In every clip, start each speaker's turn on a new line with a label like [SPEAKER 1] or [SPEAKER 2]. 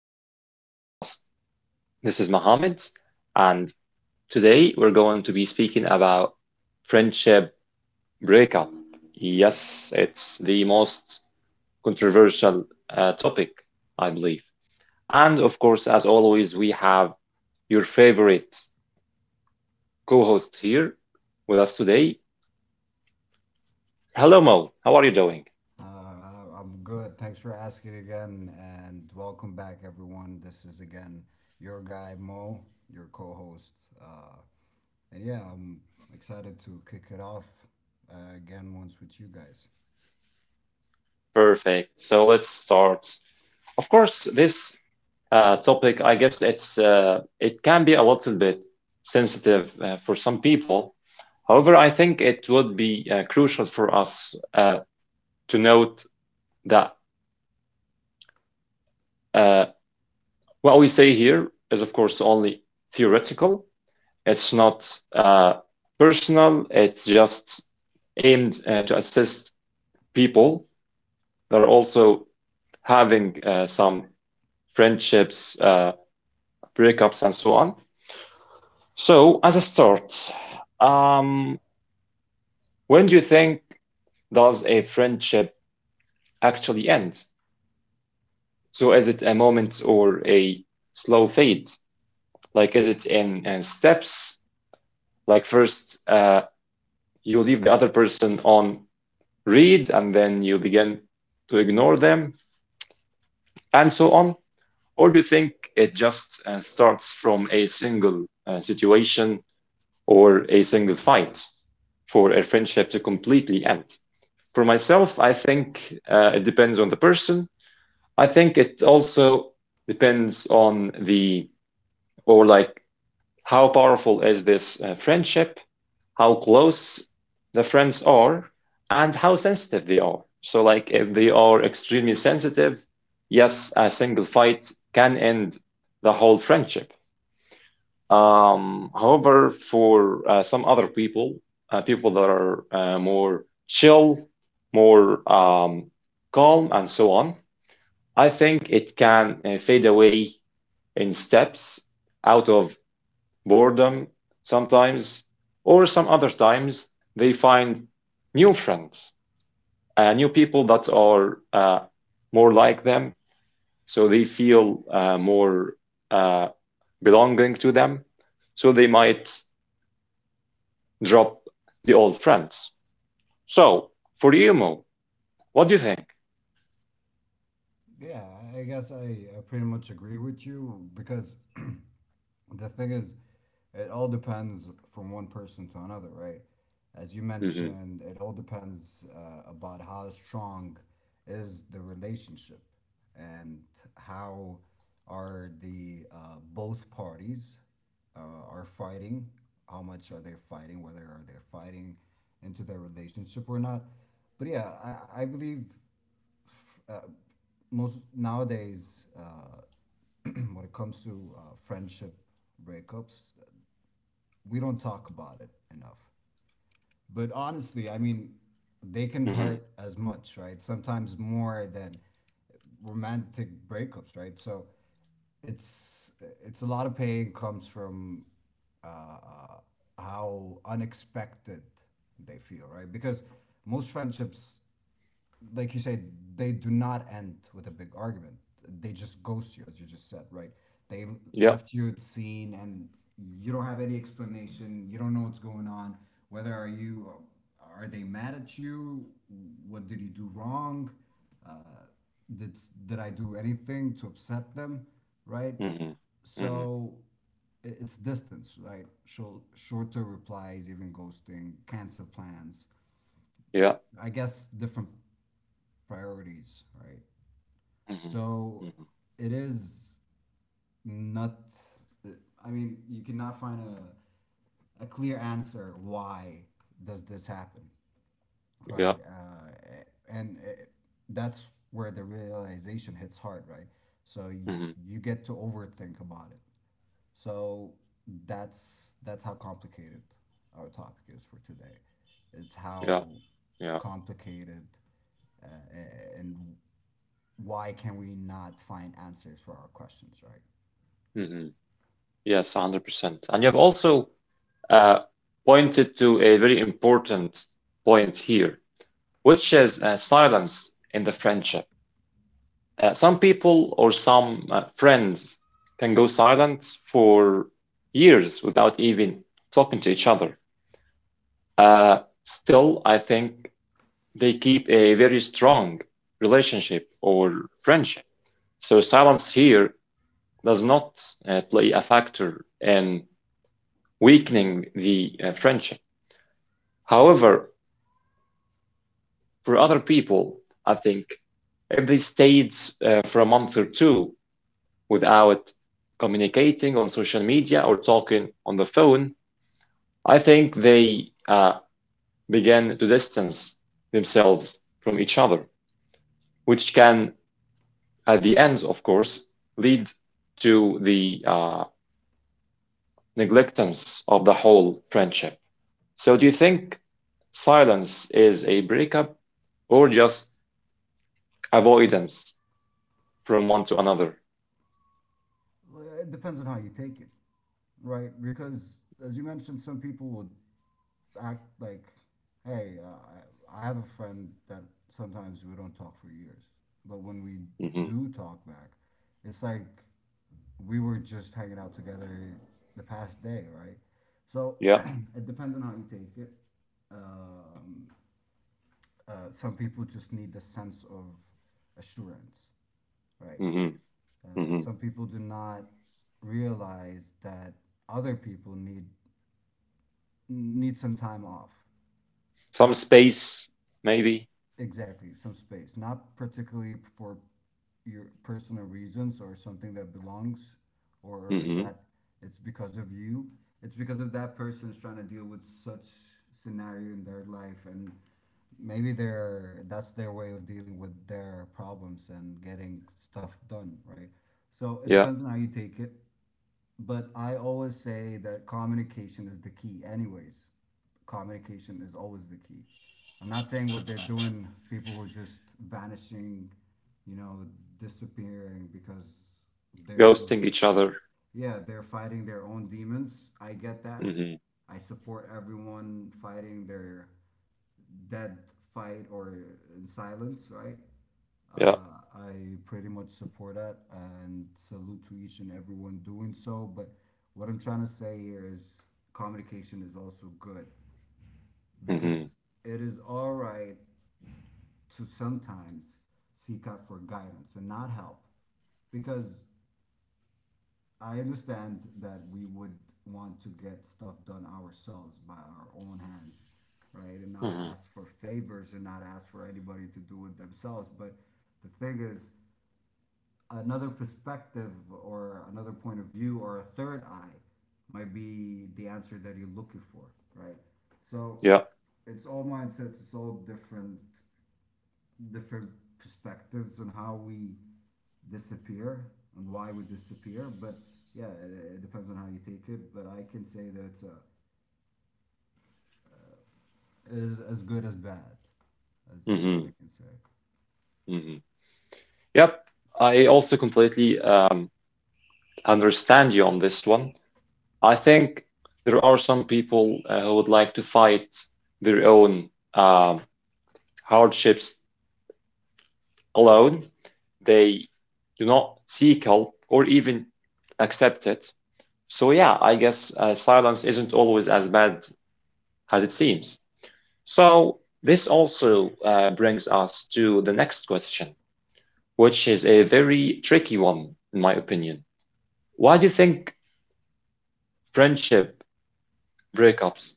[SPEAKER 1] to our podcast. This is Mohammed, and today we're going to be speaking about friendship breakup. Yes, it's the most controversial topic, I believe. And of course, as always, we have your favorite co-host here with us today. Hello, Mo. How are you doing?
[SPEAKER 2] I'm good. Thanks for asking again, and welcome back, everyone. This is again your guy Mo, your co-host, uh, and yeah, I'm excited to kick it off again once with you guys.
[SPEAKER 1] Perfect. So let's start. Of course, this topic, I guess it can be a little bit sensitive for some people. However, I think it would be crucial for us to note that uh, what we say here is, of course, only theoretical. It's not uh, personal. It's just aimed to assist people that are also having some friendships, breakups, and so on. So, as a start, um, when do you think does a friendship actually end? So, is it a moment or a slow fade? Like, is it in steps? Like, first, you leave the other person on read, and then you begin to ignore them, and so on? Or do you think it just starts from a single situation or a single fight for a friendship to completely end? For myself, I think it depends on the person. I think it also depends on or like, how powerful is this friendship, how close the friends are, and how sensitive they are. So, like, if they are extremely sensitive, yes, a single fight can end the whole friendship. However, for some other people, people that are more chill, more calm, and so on, I think it can fade away in steps out of boredom sometimes, or some other times they find new friends, new people that are more like them, so they feel more uh, belonging to them. So they might drop the old friends. So for emo, what do you think?
[SPEAKER 2] Yeah, I guess I pretty much agree with you because the thing is, it all depends from one person to another, right? As you
[SPEAKER 1] Mm-hmm.
[SPEAKER 2] mentioned, it all depends about how strong is the relationship and how are the both parties are fighting, how much are they fighting, whether are they fighting into their relationship or not. But yeah, I believe most nowadays when it comes to friendship breakups, we don't talk about it enough. But honestly, I mean, they can
[SPEAKER 1] Mm-hmm.
[SPEAKER 2] hurt as much, right? Sometimes more than romantic breakups, right? So it's it's a lot of pain comes from uh, uh, how unexpected they feel, right? Because most friendships like you say, they do not end with a big argument. They just ghost you, as you just said, right? They
[SPEAKER 1] Yeah.
[SPEAKER 2] left you at scene, and you don't have any explanation. You don't know what's going on. Whether are you, are they mad at you? What did you do wrong? Uh, did did I do anything to upset them, right?
[SPEAKER 1] Mm-hmm. Mm-hmm.
[SPEAKER 2] So it's distance, right? Short, shorter replies, even ghosting, cancel plans.
[SPEAKER 1] Yeah.
[SPEAKER 2] I guess different priorities, right?
[SPEAKER 1] Mm-hmm.
[SPEAKER 2] So
[SPEAKER 1] Mm-hmm.
[SPEAKER 2] it is not. I mean, you cannot find a clear answer why does this happen,
[SPEAKER 1] Yeah.
[SPEAKER 2] right? And that's where the realization hits hard, right? So
[SPEAKER 1] Mm-hmm.
[SPEAKER 2] you get to overthink about it. So that's how complicated our topic is for today. It's
[SPEAKER 1] Yeah.
[SPEAKER 2] how
[SPEAKER 1] Yeah.
[SPEAKER 2] complicated uh, and why can we not find answers for our questions, right?
[SPEAKER 1] Mm-hmm. Yes, 100%. And you have also uh, pointed to a very important point here, which is silence in the friendship. Some people or some friends can go silent for years without even talking to each other. Uh, Still, I think they keep a very strong relationship or friendship. So silence here does not play a factor in weakening the friendship. However, for other people, I think if they stayed for a month or two without communicating on social media or talking on the phone, I think they began to distance themselves from each other, which can at the end, of course, lead to the neglectance of the whole friendship. So, do you think silence is a breakup or just avoidance from one to another?
[SPEAKER 2] Well, it depends on how you take it, right? Because as you mentioned, some people would act like, hey, I have a friend that sometimes we don't talk for years, but when we
[SPEAKER 1] Hmm.
[SPEAKER 2] do talk back, it's like we were just hanging out together the past day, right? So
[SPEAKER 1] Yeah.
[SPEAKER 2] it depends on how you take it. Um, some people just need the sense of assurance. Right.
[SPEAKER 1] Hmm. Hmm.
[SPEAKER 2] Some people do not realize that other people need some time off.
[SPEAKER 1] Some
[SPEAKER 2] Not
[SPEAKER 1] space, maybe.
[SPEAKER 2] exactly some space. Not particularly for your personal reasons or something that belongs or
[SPEAKER 1] Hmm.
[SPEAKER 2] that it's because of you. It's because of that person's trying to deal with such scenario in their life and maybe they're that's their way of dealing with their problems and getting stuff done, right? So it
[SPEAKER 1] Yeah.
[SPEAKER 2] depends on how you take it. But I always say that communication is the key, anyways. Communication is always the key. I'm not saying what they're doing, people who are just vanishing, you know, disappearing because they're
[SPEAKER 1] Ghosting
[SPEAKER 2] just,
[SPEAKER 1] each other.
[SPEAKER 2] yeah, they're fighting their own demons. I get that.
[SPEAKER 1] Hmm.
[SPEAKER 2] I support everyone fighting their dead fight or in silence, right?
[SPEAKER 1] Yeah.
[SPEAKER 2] I pretty much support that and salute to each and everyone doing so. But what I'm trying to say here is communication is also good
[SPEAKER 1] Hmm.
[SPEAKER 2] because it is all right to sometimes seek out for guidance and not help because I understand that we would want to get stuff done ourselves by our own hands, right? And not
[SPEAKER 1] Hmm.
[SPEAKER 2] ask for favors and not ask for anybody to do it themselves. But the thing is, another perspective or another point of view or a third eye might be the answer that you're looking for, right? So
[SPEAKER 1] Yeah.
[SPEAKER 2] it's all mindsets, it's all different perspectives on how we disappear and why we disappear. But yeah, it depends on how you take it. But I can say that it is as good as bad as I
[SPEAKER 1] Hmm.
[SPEAKER 2] can say.
[SPEAKER 1] Hmm. Yep. I also completely understand you on this one. I think there are some people who would like to fight their own um hardships alone. They do not seek help or even accept it. So, yeah, I guess silence isn't always as bad as it seems. So, this also brings us to the next question, which is a very tricky one, in my opinion. Why do you think friendship breakups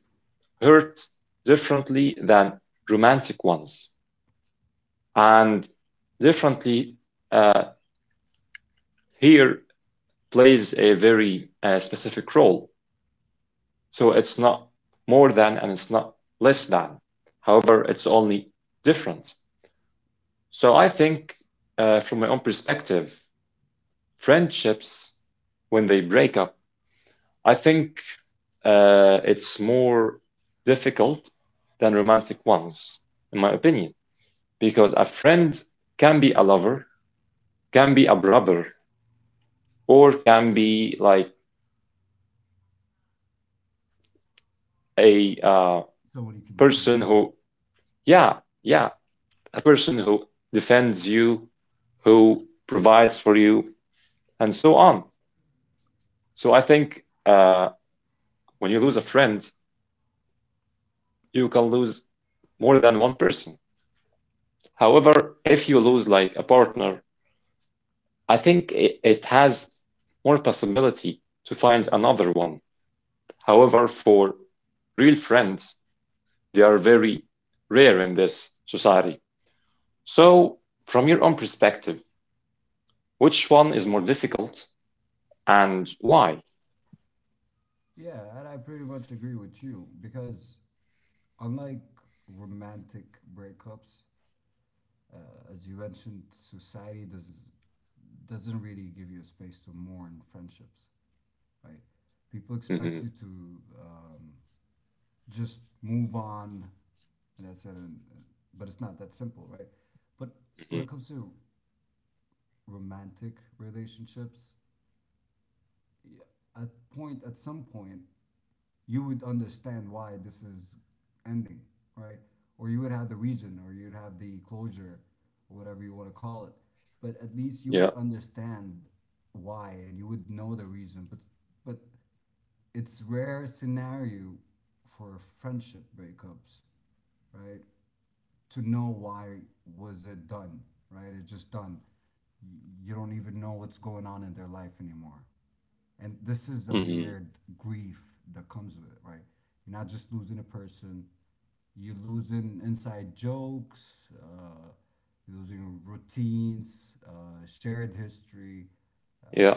[SPEAKER 1] hurt differently than romantic ones? And differently uh, here plays a very specific role. So it's not more than and it's not less than. However, it's only different. So I think, from my own perspective, friendships, when they break up, I think it's more difficult than romantic ones, in my opinion, because a friend can be a lover, can be a brother, or can be like a
[SPEAKER 2] Someone you can depend
[SPEAKER 1] person
[SPEAKER 2] on.
[SPEAKER 1] who, yeah, yeah, a person who defends you, who provides for you, and so on. So I think when you lose a friend, you can lose more than one person. However, if you lose like a partner, I think it has more possibility to find another one. However, for real friends, they are very rare in this society. So, from your own perspective, which one is more difficult and why?
[SPEAKER 2] Yeah, and I pretty much agree with you because unlike romantic breakups, uh, as you mentioned, society does doesn't really give you a space to mourn friendships, right? People expect
[SPEAKER 1] Hmm.
[SPEAKER 2] you to just move on, and that's it. But it's not that simple, right? But when
[SPEAKER 1] Hmm.
[SPEAKER 2] it comes to romantic relationships, at some point, you would understand why this is ending, right? Or you would have the reason, or you'd have the closure, or whatever you want to call it. But at least you
[SPEAKER 1] Yeah.
[SPEAKER 2] would understand why, and you would know the reason. But it's rare scenario for friendship breakups, right? To know why was it done, right? It's just done. You don't even know what's going on in their life anymore. And this is a
[SPEAKER 1] Hmm.
[SPEAKER 2] weird grief that comes with it, right? You're not just losing a person, you're losing inside jokes, you're losing routines, shared history,
[SPEAKER 1] Yeah.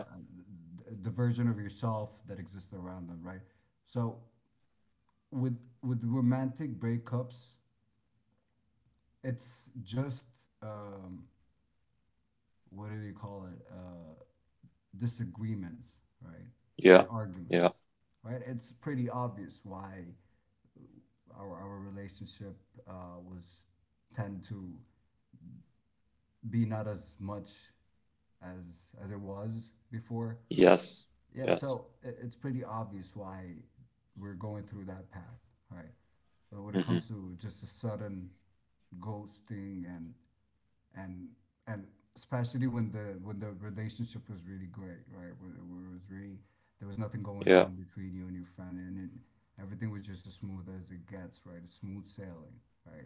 [SPEAKER 2] the version of yourself that exists around them, right? So with romantic breakups, it's just um, what do they call it, disagreements, right,
[SPEAKER 1] Yeah.
[SPEAKER 2] and
[SPEAKER 1] Yeah.
[SPEAKER 2] arguments, right? It's pretty obvious why our relationship was tend to be not as much as it was before.
[SPEAKER 1] Yes.
[SPEAKER 2] Yeah,
[SPEAKER 1] Yes.
[SPEAKER 2] so it's pretty obvious why we're going through that path, right? But when it
[SPEAKER 1] Hmm.
[SPEAKER 2] comes to just a sudden ghosting and and especially when the relationship was really great, right? When when it was really there was
[SPEAKER 1] Yeah.
[SPEAKER 2] nothing going on between you and your friend, and it, everything was just as smooth as it gets, right? It's smooth sailing, right?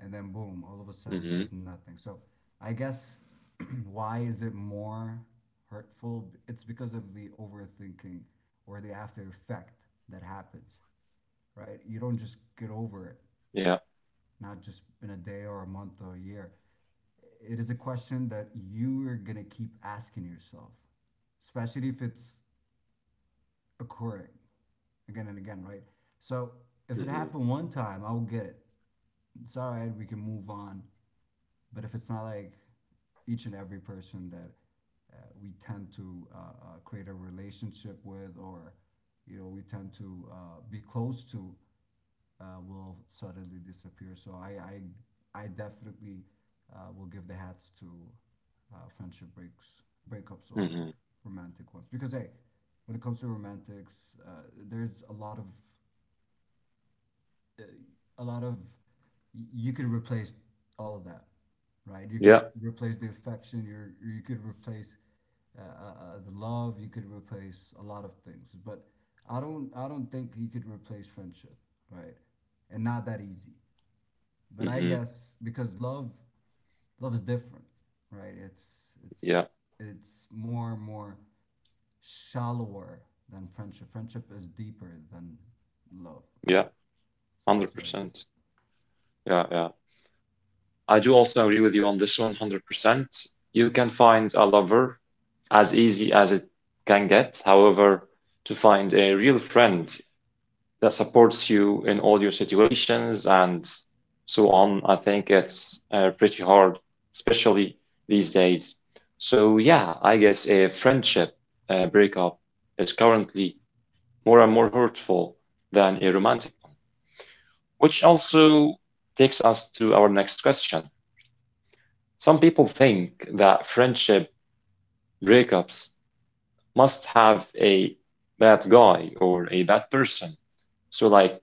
[SPEAKER 2] And then boom, all of
[SPEAKER 1] Hmm.
[SPEAKER 2] a sudden there's nothing. So I guess why is it more hurtful? It's because of the overthinking or the after effect that happens, right? You don't just get over it,
[SPEAKER 1] Yeah.
[SPEAKER 2] not just in a day or a month or a year. It is a question that you are gonna keep asking yourself, especially if it's occurring again and again, right? So if it
[SPEAKER 1] Hmm.
[SPEAKER 2] happened one time, I will get it. It's all right, we can move on. But if it's not like each and every person that we tend to create a relationship with, or you know, we tend to be close to, will suddenly disappear. So I definitely will give the hats to friendship breaks breakups
[SPEAKER 1] Hmm.
[SPEAKER 2] over romantic ones because hey, when it comes to romantics, there's a lot of you could replace all of that, right? You could
[SPEAKER 1] Yeah.
[SPEAKER 2] replace the affection. You could replace the love. You could replace a lot of things. But I don't think you could replace friendship, right? And not that easy. But I
[SPEAKER 1] Hmm.
[SPEAKER 2] guess because love is different, right? It's
[SPEAKER 1] Yeah.
[SPEAKER 2] it's it's more and more shallower than friendship. Friendship is deeper than love,
[SPEAKER 1] Yeah.
[SPEAKER 2] right? So that's what I guess.
[SPEAKER 1] 100%. Yeah. Yeah. I do also agree with you on this 100%. You can find a lover as easy as it can get. However, to find a real friend that supports you in all your situations and so on, I think it's pretty hard, especially these days. So, yeah, I guess a friendship breakup is currently more and more hurtful than a romantic one, which also takes us to our next question. Some people think that friendship breakups must have a bad guy or a bad person. So, like,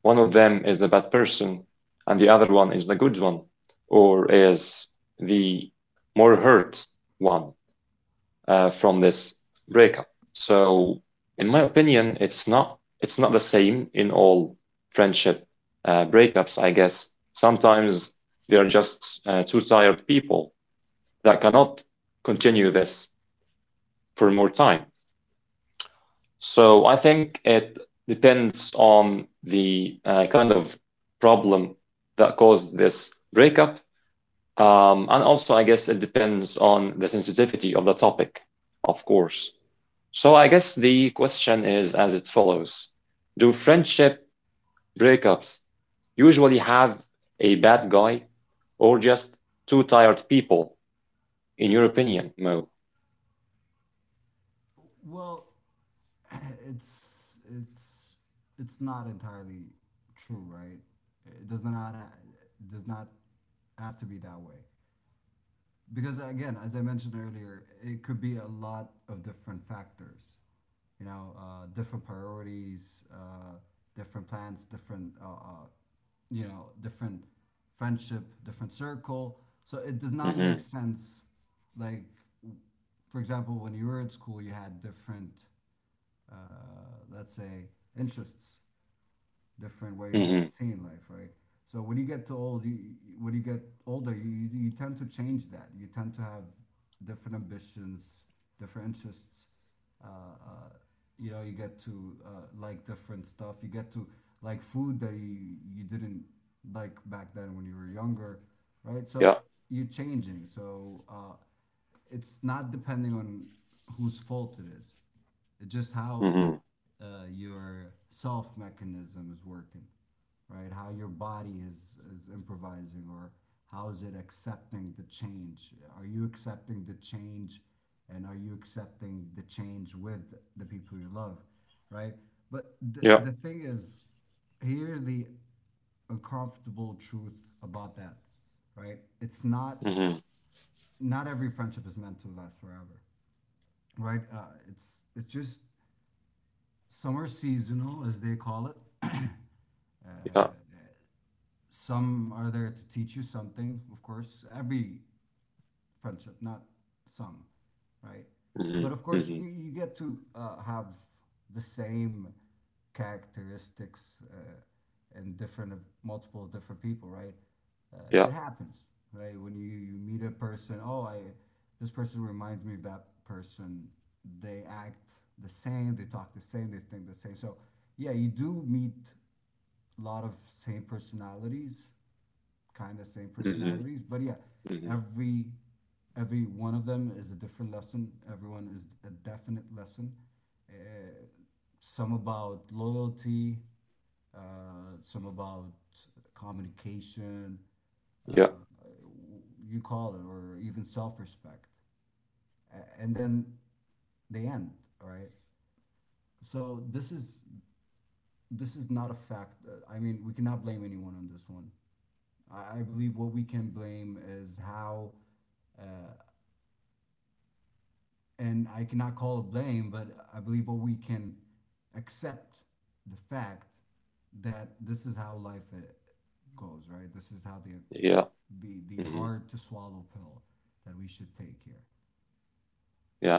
[SPEAKER 1] one of them is the bad person and the other one is the good one, or is the more hurt one from this breakup. So, in my opinion, it's not the same in all friendship breakups, I guess. Sometimes they are just two tired people that cannot continue this for more time. So I think it depends on the kind of problem that caused this breakup. And also, I guess it depends on the sensitivity of the topic, of course. So I guess the question is as it follows. Do friendship breakups usually have a bad guy or just two tired people, in your opinion, Mo?
[SPEAKER 2] Well, it's it's it's not entirely true, right? It does not have to be that way because again, as I mentioned earlier, it could be a lot of different factors. You know, different priorities, different plans, different you know, different friendship, different circle. So it does not make
[SPEAKER 1] Mm-hmm.
[SPEAKER 2] sense. Like, for example, when you were at school, you had different, uh, let's say, interests, different ways of
[SPEAKER 1] Mm-hmm.
[SPEAKER 2] seeing life, right? So when you get to old, you, when you get older, you tend to change that. You tend to have different ambitions, different interests. Uh, uh, you know, you get to like different stuff. You get to like food that you didn't like back then when you were younger, right? So
[SPEAKER 1] Yeah.
[SPEAKER 2] you're changing. So it's not depending on whose fault it is. It's just how
[SPEAKER 1] Mm-hmm.
[SPEAKER 2] your self mechanism is working, right? How your body is improvising, or how is it accepting the change? Are you accepting the change, and are you accepting the change with the people you love, right? But the
[SPEAKER 1] Yeah.
[SPEAKER 2] the thing is, here's the uncomfortable truth about that, right? It's not
[SPEAKER 1] Mhm.
[SPEAKER 2] Not every friendship is meant to last forever, right? It's just some are seasonal, as they call it.
[SPEAKER 1] Yeah.
[SPEAKER 2] Some are there to teach you something, of course. Every friendship, not some, right? But
[SPEAKER 1] Mhm.
[SPEAKER 2] of course,
[SPEAKER 1] Mhm.
[SPEAKER 2] you get to have the same characteristics in different of multiple different people, right?
[SPEAKER 1] Yeah.
[SPEAKER 2] It happens, right? When you meet a person, oh, I this person reminds me of that person. They act the same, they talk the same, they think the same. So yeah, you do meet a lot of same personalities kind of same
[SPEAKER 1] Mhm.
[SPEAKER 2] personalities. But yeah,
[SPEAKER 1] Mhm.
[SPEAKER 2] every every one of them is a different lesson. Everyone is a definite lesson. Uh, some about loyalty, some about communication,
[SPEAKER 1] Yeah.
[SPEAKER 2] you call it, or even self respect. And then they end, right? So this is not a fact. I mean, we cannot blame anyone on this one. I believe what we can blame is how and I cannot call it blame, but I believe what we can accept the fact that this is how life uh, goes, right? This is how the
[SPEAKER 1] Yeah.
[SPEAKER 2] the
[SPEAKER 1] Mhm.
[SPEAKER 2] hard to swallow pill that we should take here.
[SPEAKER 1] Yeah.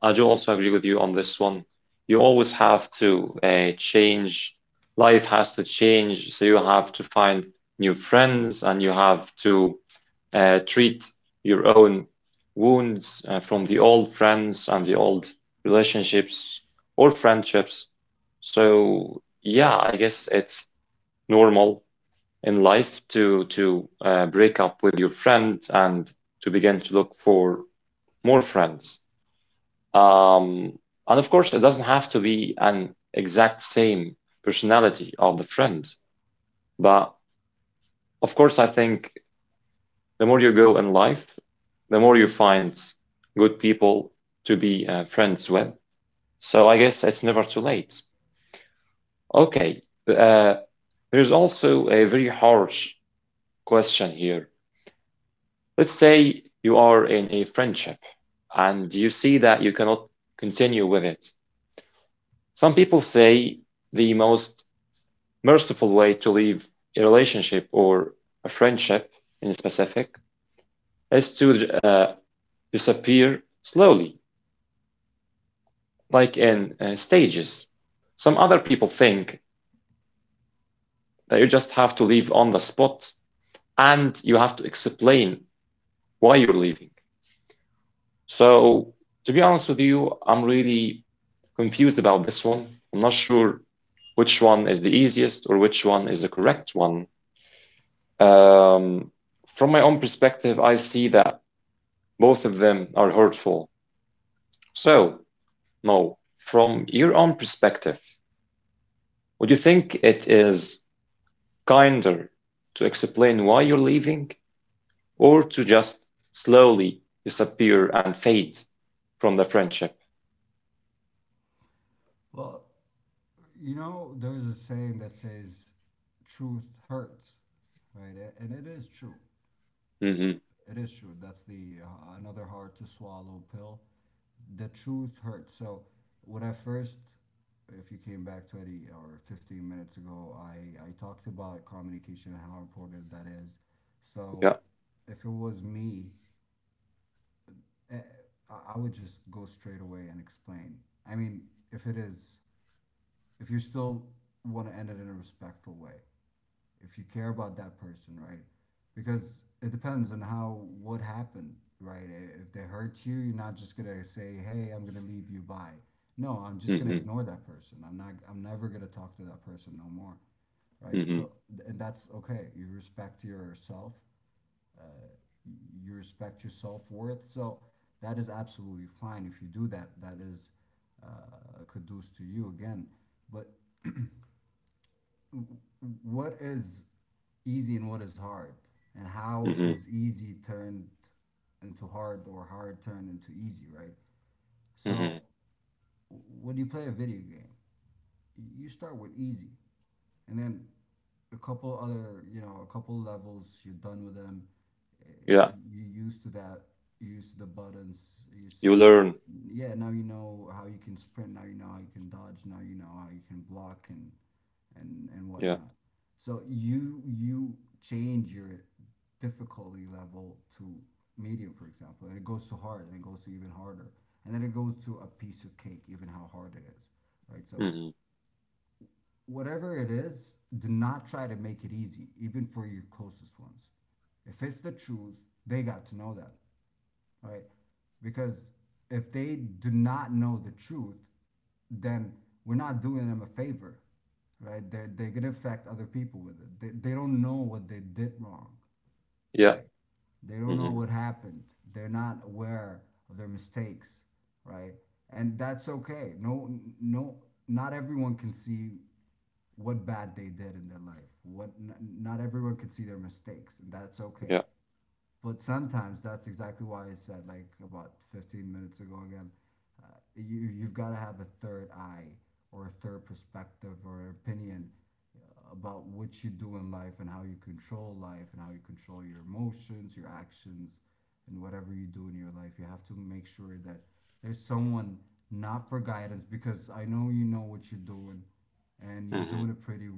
[SPEAKER 1] I do also agree with you on this one. You always have to change. Life has to change, so you have to find new friends and you have to treat your own wounds from the old friends and the old relationships or friendships. So, yeah, I guess it's normal in life to break up with your friends and to begin to look for more friends. Um, and of course, it doesn't have to be an exact same personality of the friends, but of course, I think the more you go in life, the more you find good people to be friends with. So I guess it's never too late. Okay, uh, there's also a very harsh question here. Let's say you are in a friendship and you see that you cannot continue with it. Some people say the most merciful way to leave a relationship or a friendship in specific is to disappear slowly, like in stages. Some other people think that you just have to leave on the spot and you have to explain why you're leaving. So, to be honest with you, I'm really confused about this one. I'm not sure which one is the easiest or which one is the correct one. Um, from my own perspective, I see that both of them are hurtful. So, Mo, from your own perspective, would you think it is kinder to explain why you're leaving or to just slowly disappear and fade from the friendship?
[SPEAKER 2] Well, you know, there's a saying that says truth hurts, right? And it is true.
[SPEAKER 1] Hmm.
[SPEAKER 2] It is true. That's the another hard to swallow pill. The truth hurts. So when I first, if you came back 20 or 15 minutes ago, I talked about communication and how important that is.
[SPEAKER 1] Yeah.
[SPEAKER 2] So if it was me, eh, I would just go straight away and explain. I mean, if it is, if you still want to end it in a respectful way, if you care about that person, right? Because it depends on how what happened, right? If they hurt you, you're not just gonna say, "Hey, I'm gonna leave you." Bye. No, I'm just gonna
[SPEAKER 1] Hmm.
[SPEAKER 2] ignore that person. I'm not. I'm never gonna talk to that person no more, right?
[SPEAKER 1] Hmm.
[SPEAKER 2] So, and that's okay. You respect yourself. You respect your self worth. So that is absolutely fine. If you do that, that is kudos to you again. But what is easy and what is hard, and how
[SPEAKER 1] Hmm.
[SPEAKER 2] is easy turned into hard or hard turned into easy, right?
[SPEAKER 1] Hmm.
[SPEAKER 2] So when you play a video game, you start with easy, and then a couple other, you know, a couple levels you're done with them. Uh,
[SPEAKER 1] Yeah,
[SPEAKER 2] you're used to that, you're used to the buttons, you're used
[SPEAKER 1] you
[SPEAKER 2] to,
[SPEAKER 1] learn.
[SPEAKER 2] yeah, now you know how you can sprint, now you know how you can dodge, now you know how you can block and and
[SPEAKER 1] Yeah.
[SPEAKER 2] whatnot. So you change your difficulty level to medium, for example, and it goes to hard and it goes to even harder, and then it goes to a piece of cake even how hard it is, right? So
[SPEAKER 1] Hmm.
[SPEAKER 2] whatever it is, do not try to make it easy, even for your closest ones. If it's the truth, they got to know that, right? Because if they do not know the truth, then we're not doing them a favor, right? They're going to affect other people with it. They don't know what they did wrong,
[SPEAKER 1] Yeah.
[SPEAKER 2] right? They don't know
[SPEAKER 1] Hmm.
[SPEAKER 2] what happened. They're not aware of their mistakes, right? And that's okay. No, no, not everyone can see what bad they did in their life. What not everyone can see their mistakes, and that's okay.
[SPEAKER 1] Yeah.
[SPEAKER 2] But sometimes that's exactly why I said, like, about 15 minutes ago again, you you've got to have a third eye or a third perspective or opinion about what you do in life and how you control life and how you control your emotions, your actions, and whatever you do in your life. You have to make sure that there's someone, not for guidance because I know you know what you're doing and you're
[SPEAKER 1] Hmm.
[SPEAKER 2] doing it pretty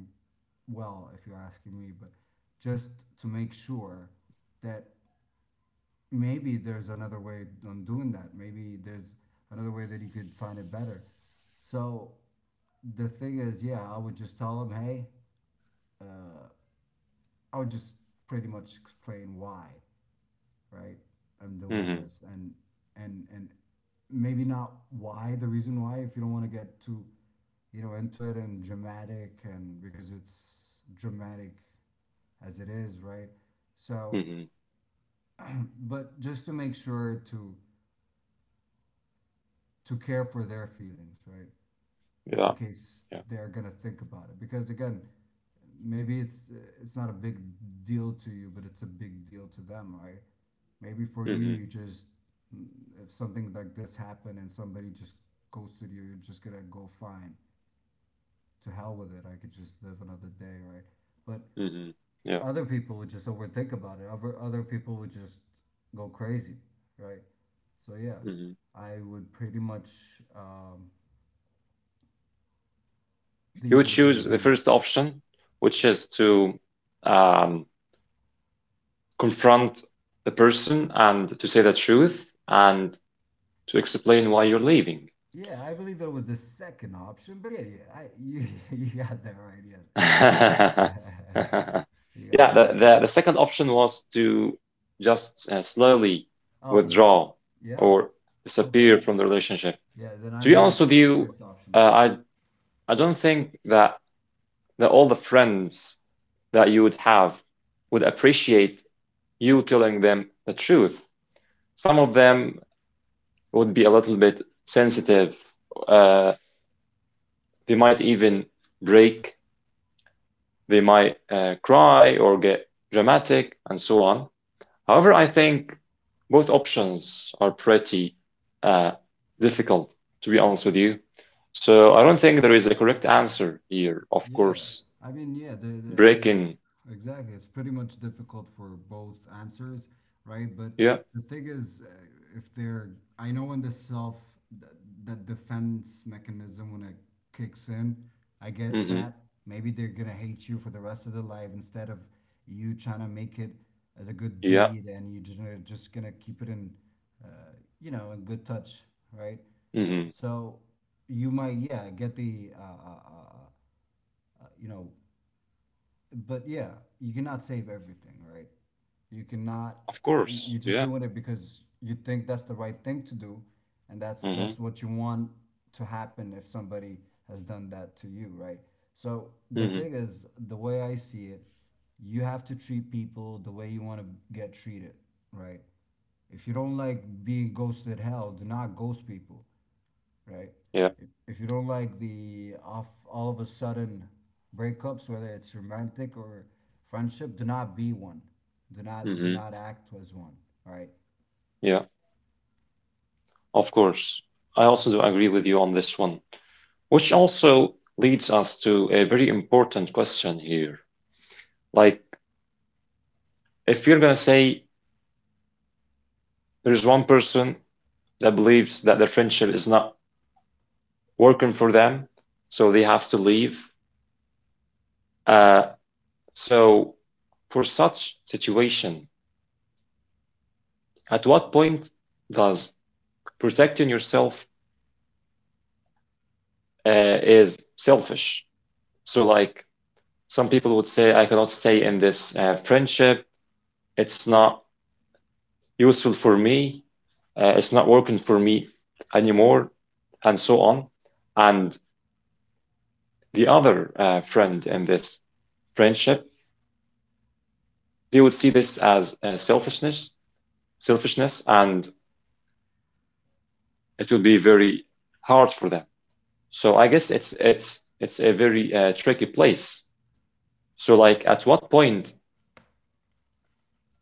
[SPEAKER 2] well if you're asking me, but just to make sure that maybe there's another way on doing that. Maybe there's another way that you could find it better. So the thing is, yeah, I would just tell them, hey, I would just pretty much explain why, right? I'm doing
[SPEAKER 1] Hmm.
[SPEAKER 2] this, and and maybe not why the reason why if you don't want to get too, you know, into it and dramatic, and because it's dramatic as it is, right? So
[SPEAKER 1] Hmm.
[SPEAKER 2] but just to make sure to care for their feelings, right,
[SPEAKER 1] Yeah.
[SPEAKER 2] in case
[SPEAKER 1] Yeah.
[SPEAKER 2] they're gonna think about it. Because again, maybe it's not a big deal to you, but it's a big deal to them, right? Maybe for you,
[SPEAKER 1] Hmm.
[SPEAKER 2] you just, if something like this happened and somebody just ghosted you, you're just gonna go fine. To hell with it. I could just live another day, right? But
[SPEAKER 1] Hmm. Yeah.
[SPEAKER 2] other people would just overthink about it. Other people would just go crazy, right? So yeah,
[SPEAKER 1] Hmm.
[SPEAKER 2] I would pretty much
[SPEAKER 1] You
[SPEAKER 2] leave
[SPEAKER 1] would
[SPEAKER 2] with a
[SPEAKER 1] choose
[SPEAKER 2] good
[SPEAKER 1] the
[SPEAKER 2] deed.
[SPEAKER 1] first option, which is to um, confront the person and to say the truth and to explain why you're leaving.
[SPEAKER 2] Yeah, I believe that was the second option, but yeah, yeah, you you got that right. Yes, you got
[SPEAKER 1] Yeah,
[SPEAKER 2] that
[SPEAKER 1] the,
[SPEAKER 2] right.
[SPEAKER 1] the second option was to just slowly
[SPEAKER 2] Oh, you,
[SPEAKER 1] withdraw
[SPEAKER 2] yeah,
[SPEAKER 1] or
[SPEAKER 2] okay,
[SPEAKER 1] disappear from the relationship.
[SPEAKER 2] yeah. Then I
[SPEAKER 1] To be
[SPEAKER 2] believe
[SPEAKER 1] honest
[SPEAKER 2] it's
[SPEAKER 1] with
[SPEAKER 2] the
[SPEAKER 1] you,
[SPEAKER 2] first option it
[SPEAKER 1] uh,
[SPEAKER 2] is.
[SPEAKER 1] I I don't think that all the friends that you would have would appreciate you telling them the truth. Some of them would be a little bit sensitive. Uh, they might even break. They might cry or get dramatic and so on. However, I think both options are pretty uh, difficult, to be honest with you. So I don't think there is a correct answer here. Of
[SPEAKER 2] Yeah,
[SPEAKER 1] course,
[SPEAKER 2] I mean, yeah, the it's
[SPEAKER 1] breaking.
[SPEAKER 2] exactly it's pretty much difficult for both answers, right? But
[SPEAKER 1] Yeah.
[SPEAKER 2] the thing is, if they're, I know in the that defense mechanism when it kicks in, I
[SPEAKER 1] mm
[SPEAKER 2] get
[SPEAKER 1] hmm
[SPEAKER 2] that. Maybe they're gonna hate you for the rest of their life instead of you trying to make it as a good
[SPEAKER 1] Yeah.
[SPEAKER 2] deed, and you're just gonna keep it in, uh, you know, in good touch, right?
[SPEAKER 1] mm hmm
[SPEAKER 2] So you might, yeah, get the uh, you know, but yeah, you cannot save everything, right? You cannot.
[SPEAKER 1] Of course.
[SPEAKER 2] You're just
[SPEAKER 1] Yeah.
[SPEAKER 2] doing it because you think that's the right thing to do, and that's
[SPEAKER 1] mm
[SPEAKER 2] that's what you want to happen if somebody has done that to you, right? So the
[SPEAKER 1] mm
[SPEAKER 2] thing
[SPEAKER 1] hmm
[SPEAKER 2] is, the way I see it, you have to treat people the way you want to get treated, right? If you don't like being ghosted, hell, do not ghost people, right?
[SPEAKER 1] Yeah.
[SPEAKER 2] If you don't like the off all of a sudden breakups, whether it's romantic or friendship, do not be one.
[SPEAKER 1] mm
[SPEAKER 2] Do
[SPEAKER 1] hmm
[SPEAKER 2] not act as one. All right.
[SPEAKER 1] Yeah. Of course. I also do agree with you on this one, which also leads us to a very important question here. Like, if you're gonna say there's one person that believes that their friendship is not working for them, so they have to leave. Uh, so, for such situation, at what point does protecting yourself is selfish? So, like, some people would say, I cannot stay in this friendship. It's not useful for me. It's not working for me anymore, and so on. And the other friend in this friendship, they would see this as selfishness, and it will be very hard for them. So I guess it's a very tricky place. So like, at what point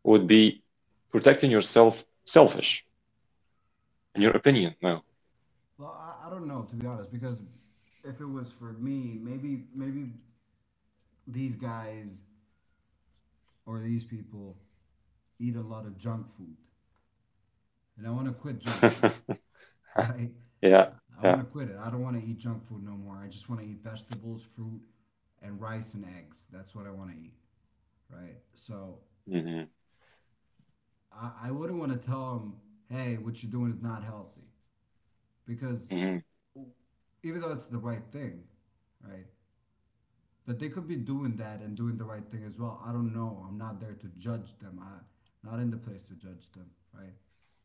[SPEAKER 1] would be protecting yourself selfish, in your opinion? No.
[SPEAKER 2] Well, I don't know, to be honest, because if it was for me, maybe maybe these guys or these people eat a lot of junk food, and I want to quit junk food, right?
[SPEAKER 1] Yeah,
[SPEAKER 2] I
[SPEAKER 1] yeah.
[SPEAKER 2] want to quit it. I don't want to eat junk food no more. I just want to eat vegetables, fruit, and rice and eggs. That's what I want to eat, right? So
[SPEAKER 1] Hmm.
[SPEAKER 2] I wouldn't want to tell them, hey, what you're doing is not healthy, because
[SPEAKER 1] Hmm.
[SPEAKER 2] even though it's the right thing, right? But they could be doing that and doing the right thing as well. I don't know. I'm not there to judge them. I not in the place to judge them, right?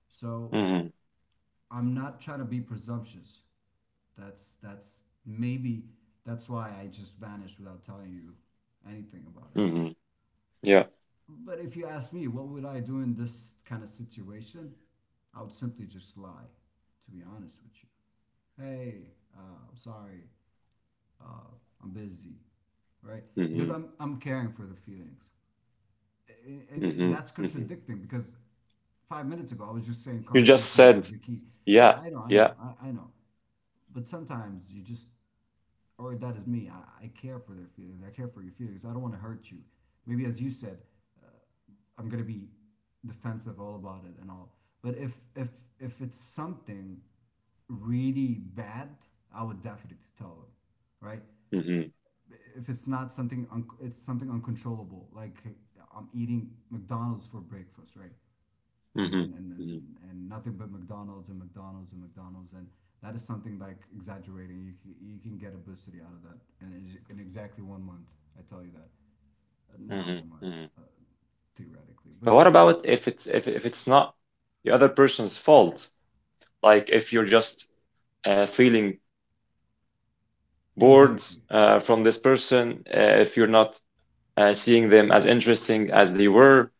[SPEAKER 2] So
[SPEAKER 1] Hmm.
[SPEAKER 2] I'm not trying to be presumptuous. That's maybe that's why I just vanished without telling you anything about it.
[SPEAKER 1] Hmm. Yeah.
[SPEAKER 2] But if you ask me, what would I do in this kind of situation? I would simply just lie, to be honest with you. Hey, I'm sorry. Uh, I'm busy, right? Because
[SPEAKER 1] hmm
[SPEAKER 2] I'm caring for the feelings, and
[SPEAKER 1] hmm
[SPEAKER 2] that's
[SPEAKER 1] hmm
[SPEAKER 2] contradicting because 5 minutes ago I was just saying
[SPEAKER 1] You just
[SPEAKER 2] communication is
[SPEAKER 1] said,
[SPEAKER 2] the key. Yeah,
[SPEAKER 1] yeah,
[SPEAKER 2] I know, I
[SPEAKER 1] yeah.
[SPEAKER 2] know, I know. But sometimes you just, or that is me. I care for their feelings. I care for your feelings. I don't want to hurt you. Maybe as you said, uh, I'm gonna be defensive all about it and all. But if it's something really bad, I would definitely tell them, right?
[SPEAKER 1] hmm hmm
[SPEAKER 2] If it's not something it's something uncontrollable, like I'm eating McDonald's for breakfast, right? and
[SPEAKER 1] hmm
[SPEAKER 2] and, and and and nothing but McDonald's and McDonald's and McDonald's, and that is something like exaggerating. You can, you can get obesity out of that and it's in exactly 1 month, I tell you that. Not
[SPEAKER 1] hmm
[SPEAKER 2] 1 month
[SPEAKER 1] hmm
[SPEAKER 2] theoretically, but
[SPEAKER 1] But what about if it's if it's not the other person's fault? Like if you're just feeling boards
[SPEAKER 2] exactly.
[SPEAKER 1] from this person, if you're not seeing them as interesting as they were?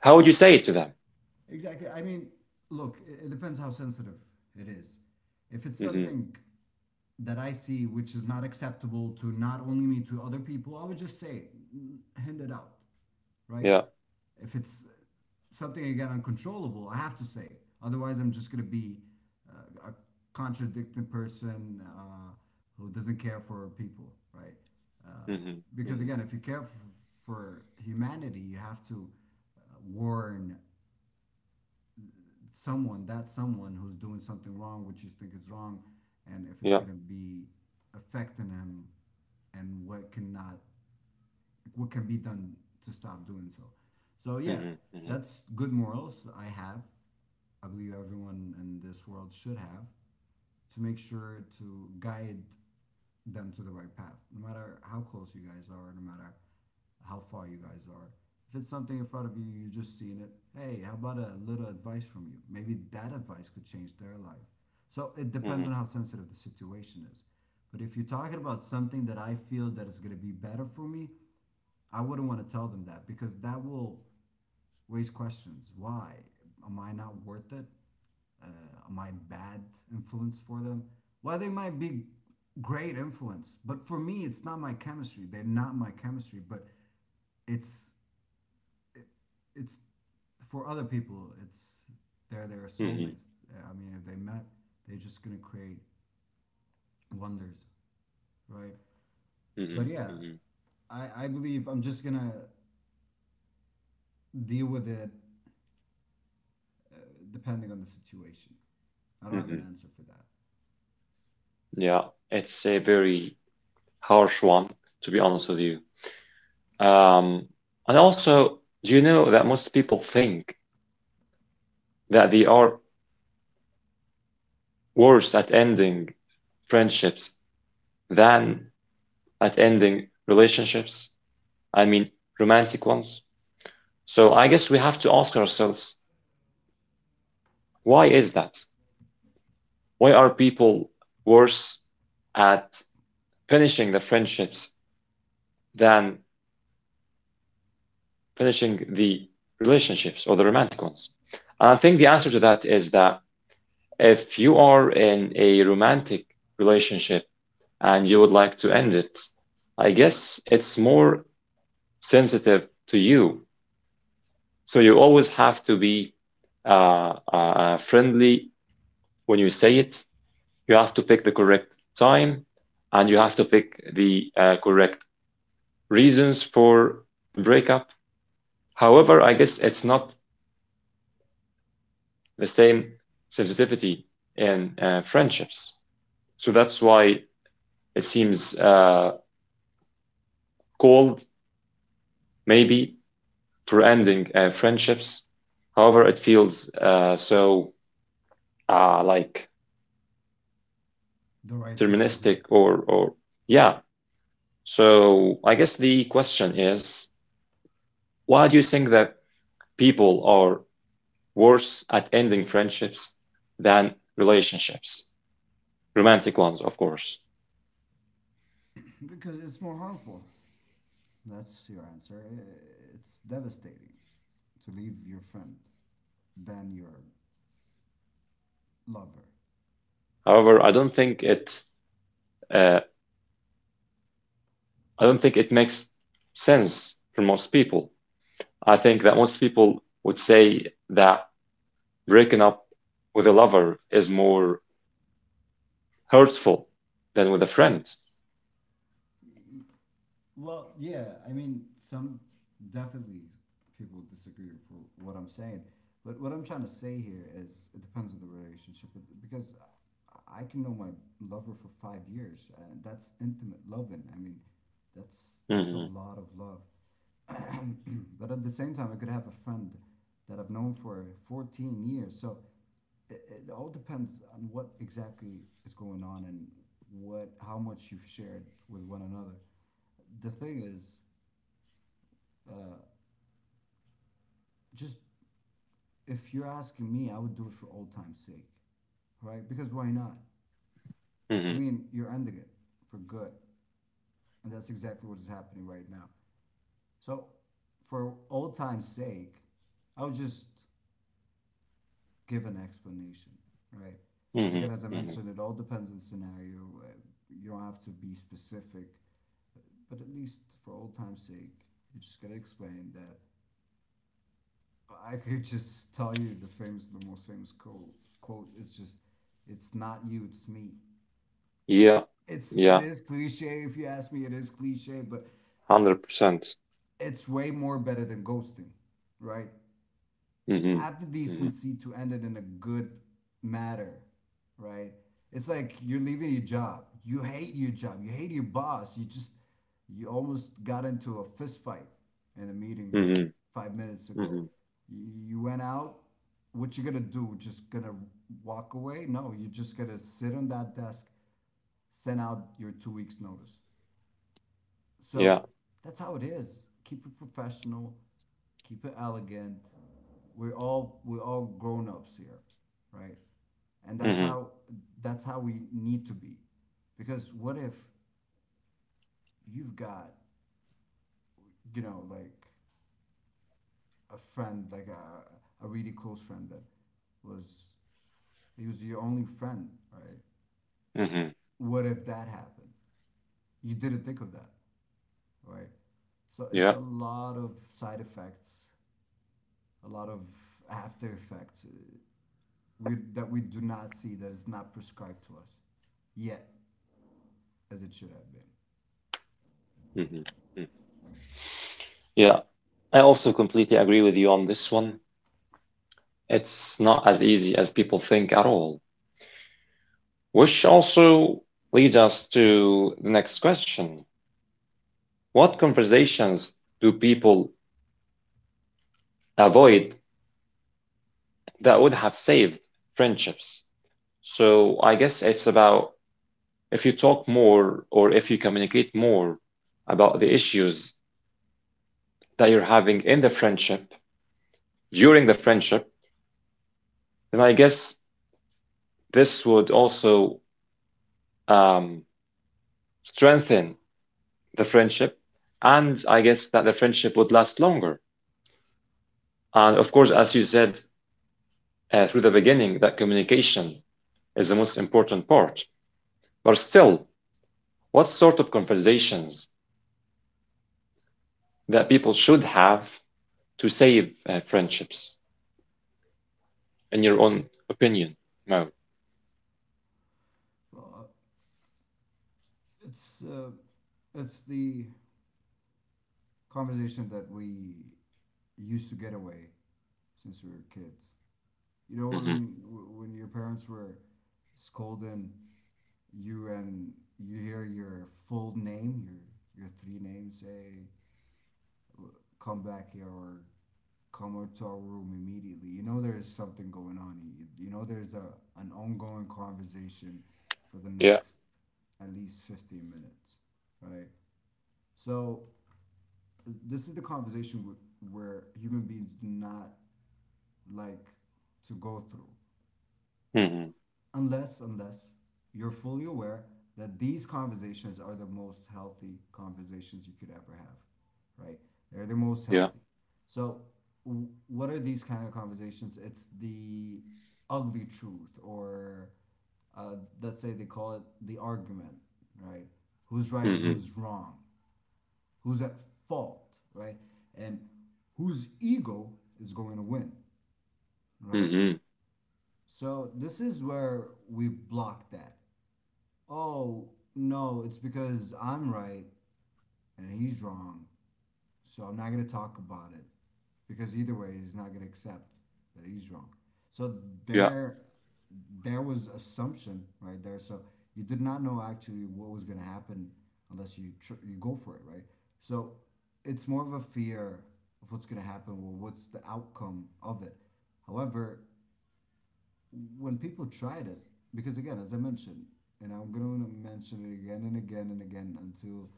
[SPEAKER 1] How would you say it to them?
[SPEAKER 2] Exactly. I mean, look, it depends how sensitive it is. If it's
[SPEAKER 1] hmm
[SPEAKER 2] something that I see which is not acceptable to not only me, to other people, I would just say, hand it out, right?
[SPEAKER 1] Yeah.
[SPEAKER 2] If it's something, again, uncontrollable, I have to say it. Otherwise, I'm just going to be a contradicting person, who doesn't care for people, right? Uh,
[SPEAKER 1] hmm
[SPEAKER 2] because,
[SPEAKER 1] hmm
[SPEAKER 2] again, if you care f- for humanity, you have to warn someone, that someone who's doing something wrong, which you think is wrong, and if it's
[SPEAKER 1] Yeah.
[SPEAKER 2] gonna be affecting him and what cannot what can be done to stop doing so. So yeah,
[SPEAKER 1] hmm hmm
[SPEAKER 2] that's good morals I have. I believe everyone in this world should have to make sure to guide them to the right path. No matter how close you guys are, no matter how far you guys are. If it's something in front of you, you just seeing it. Hey, how about a little advice from you? Maybe that advice could change their life. So it depends
[SPEAKER 1] hmm
[SPEAKER 2] on how sensitive the situation is. But if you're talking about something that I feel that is going to be better for me, I wouldn't want to tell them that because that will raise questions. Why? Am I not worth it? Uh, am I bad influence for them? Well, they might be great influence, but for me, it's not my chemistry. They're not my chemistry, but it's it's for other people. It's they're their
[SPEAKER 1] hmm
[SPEAKER 2] soulmates. I mean, if they met, they're just gonna create wonders, right? But
[SPEAKER 1] hmm
[SPEAKER 2] yeah,
[SPEAKER 1] hmm
[SPEAKER 2] I believe I'm just gonna deal with it depending on the situation. I don't have an
[SPEAKER 1] hmm
[SPEAKER 2] answer for that.
[SPEAKER 1] Yeah. It's a very harsh one, to be honest with you. Um, and also, do you know that most people think that they are worse at ending friendships than at ending relationships? I mean, romantic ones. So I guess we have to ask ourselves, why is that? Why are people worse at finishing the friendships than finishing the relationships or the romantic ones? And I think the answer to that is that if you are in a romantic relationship and you would like to end it, I guess it's more sensitive to you. So you always have to be friendly when you say it. You have to pick the correct time and you have to pick the correct reasons for a breakup. However, I guess it's not the same sensitivity in friendships. So that's why it seems cold, maybe, for ending friendships. However, it feels so like
[SPEAKER 2] The right thing to do.
[SPEAKER 1] deterministic or yeah. So I guess the question is, why do you think that people are worse at ending friendships than relationships, romantic ones, of course.
[SPEAKER 2] Because it's more harmful. That's your answer. It's devastating to leave your friend than your lover.
[SPEAKER 1] However, I don't think it uh, I don't think it makes sense for most people. I think that most people would say that breaking up with a lover is more hurtful than with a friend.
[SPEAKER 2] Well, yeah, I mean, some definitely people disagree for what I'm saying. But what I'm trying to say here is it depends on the relationship. Because I can know my lover for 5 years, and that's intimate loving. I mean, that's a
[SPEAKER 1] hmm
[SPEAKER 2] lot of love. But at the same time, I could have a friend that I've known for 14 years. So it all depends on what exactly is going on and what how much you've shared with one another. The thing is, just if you're asking me, I would do it for old time's sake, right? Because why not? I
[SPEAKER 1] hmm
[SPEAKER 2] mean, you're ending it for good, and that's exactly what is happening right now. So, for old time's sake, I would just give an explanation, right? And
[SPEAKER 1] hmm
[SPEAKER 2] again, as I
[SPEAKER 1] hmm
[SPEAKER 2] mentioned, it all depends on the scenario. You don't have to be specific, but at least for old time's sake, you just gotta explain that. I could just tell you the famous, the most famous quote. Quote is just, "It's not you, it's me."
[SPEAKER 1] Yeah,
[SPEAKER 2] It
[SPEAKER 1] yeah,
[SPEAKER 2] is cliche if you ask me. It is cliche, but
[SPEAKER 1] 100%.
[SPEAKER 2] it's way more better than ghosting, right?
[SPEAKER 1] hmm
[SPEAKER 2] Have the
[SPEAKER 1] hmm
[SPEAKER 2] decency to end it in a good matter, right? It's like you're leaving your job. You hate your job. You hate your boss. You almost got into a fist fight in a meeting room
[SPEAKER 1] hmm
[SPEAKER 2] 5 minutes
[SPEAKER 1] hmm
[SPEAKER 2] ago. You went out. What you gonna do? Just gonna walk away? No, you're just gonna sit on that desk, send out your 2 weeks notice.
[SPEAKER 1] Yeah.
[SPEAKER 2] So that's how it is. Keep it professional, keep it elegant. We're all grown ups here, right? And that's
[SPEAKER 1] hmm
[SPEAKER 2] how That's how we need to be. Because what if you've got, you know, like a friend, like a really close friend that was he was your only friend, right?
[SPEAKER 1] hmm
[SPEAKER 2] What if that happened? You didn't think of that, right? So it's
[SPEAKER 1] Yeah.
[SPEAKER 2] a lot of side effects, a lot of after effects that we do not see that is not prescribed to us yet as it should have been.
[SPEAKER 1] hmm Yeah, I also completely agree with you on this one. It's not as easy as people think at all. Which also leads us to the next question. What conversations do people avoid that would have saved friendships? So I guess it's about if you talk more or if you communicate more about the issues that you're having in the friendship, during the friendship, then I guess this would also um, strengthen the friendship, and I guess that the friendship would last longer. And of course, as you said through the beginning, that communication is the most important part. But still, what sort of conversations that people should have to save friendships, in your own opinion, Mo?
[SPEAKER 2] Well, it's uh, it's the conversation that we used to get away since we were kids. You know
[SPEAKER 1] hmm
[SPEAKER 2] when your parents were scolding you and you hear your full name, your three names say come back here or come up to our room immediately. You know there is something going on. You know there's a an ongoing conversation for the
[SPEAKER 1] Yeah.
[SPEAKER 2] next at least 15 minutes, right? So this is the conversation where human beings do not like to go through.
[SPEAKER 1] hmm
[SPEAKER 2] Unless you're fully aware that these conversations are the most healthy conversations you could ever have, right? They're the most
[SPEAKER 1] Yeah.
[SPEAKER 2] healthy. So what are these kind of conversations? It's the ugly truth, or let's say they call it the argument, right? Who's right and
[SPEAKER 1] hmm
[SPEAKER 2] who's wrong, who's at fault, right? And whose ego is going to win, right?
[SPEAKER 1] hmm
[SPEAKER 2] So this is where we block that. Oh, no, it's because I'm right and he's wrong. So I'm not going to talk about it because either way, he's not going to accept that he's wrong. So
[SPEAKER 1] Yeah.
[SPEAKER 2] there, there was assumption right there. So you did not know actually what was going to happen unless you you go for it, right? So it's more of a fear of what's going to happen. Well, what's the outcome of it. However, when people tried it, because again, as I mentioned, and I'm going to mention it again and again and again until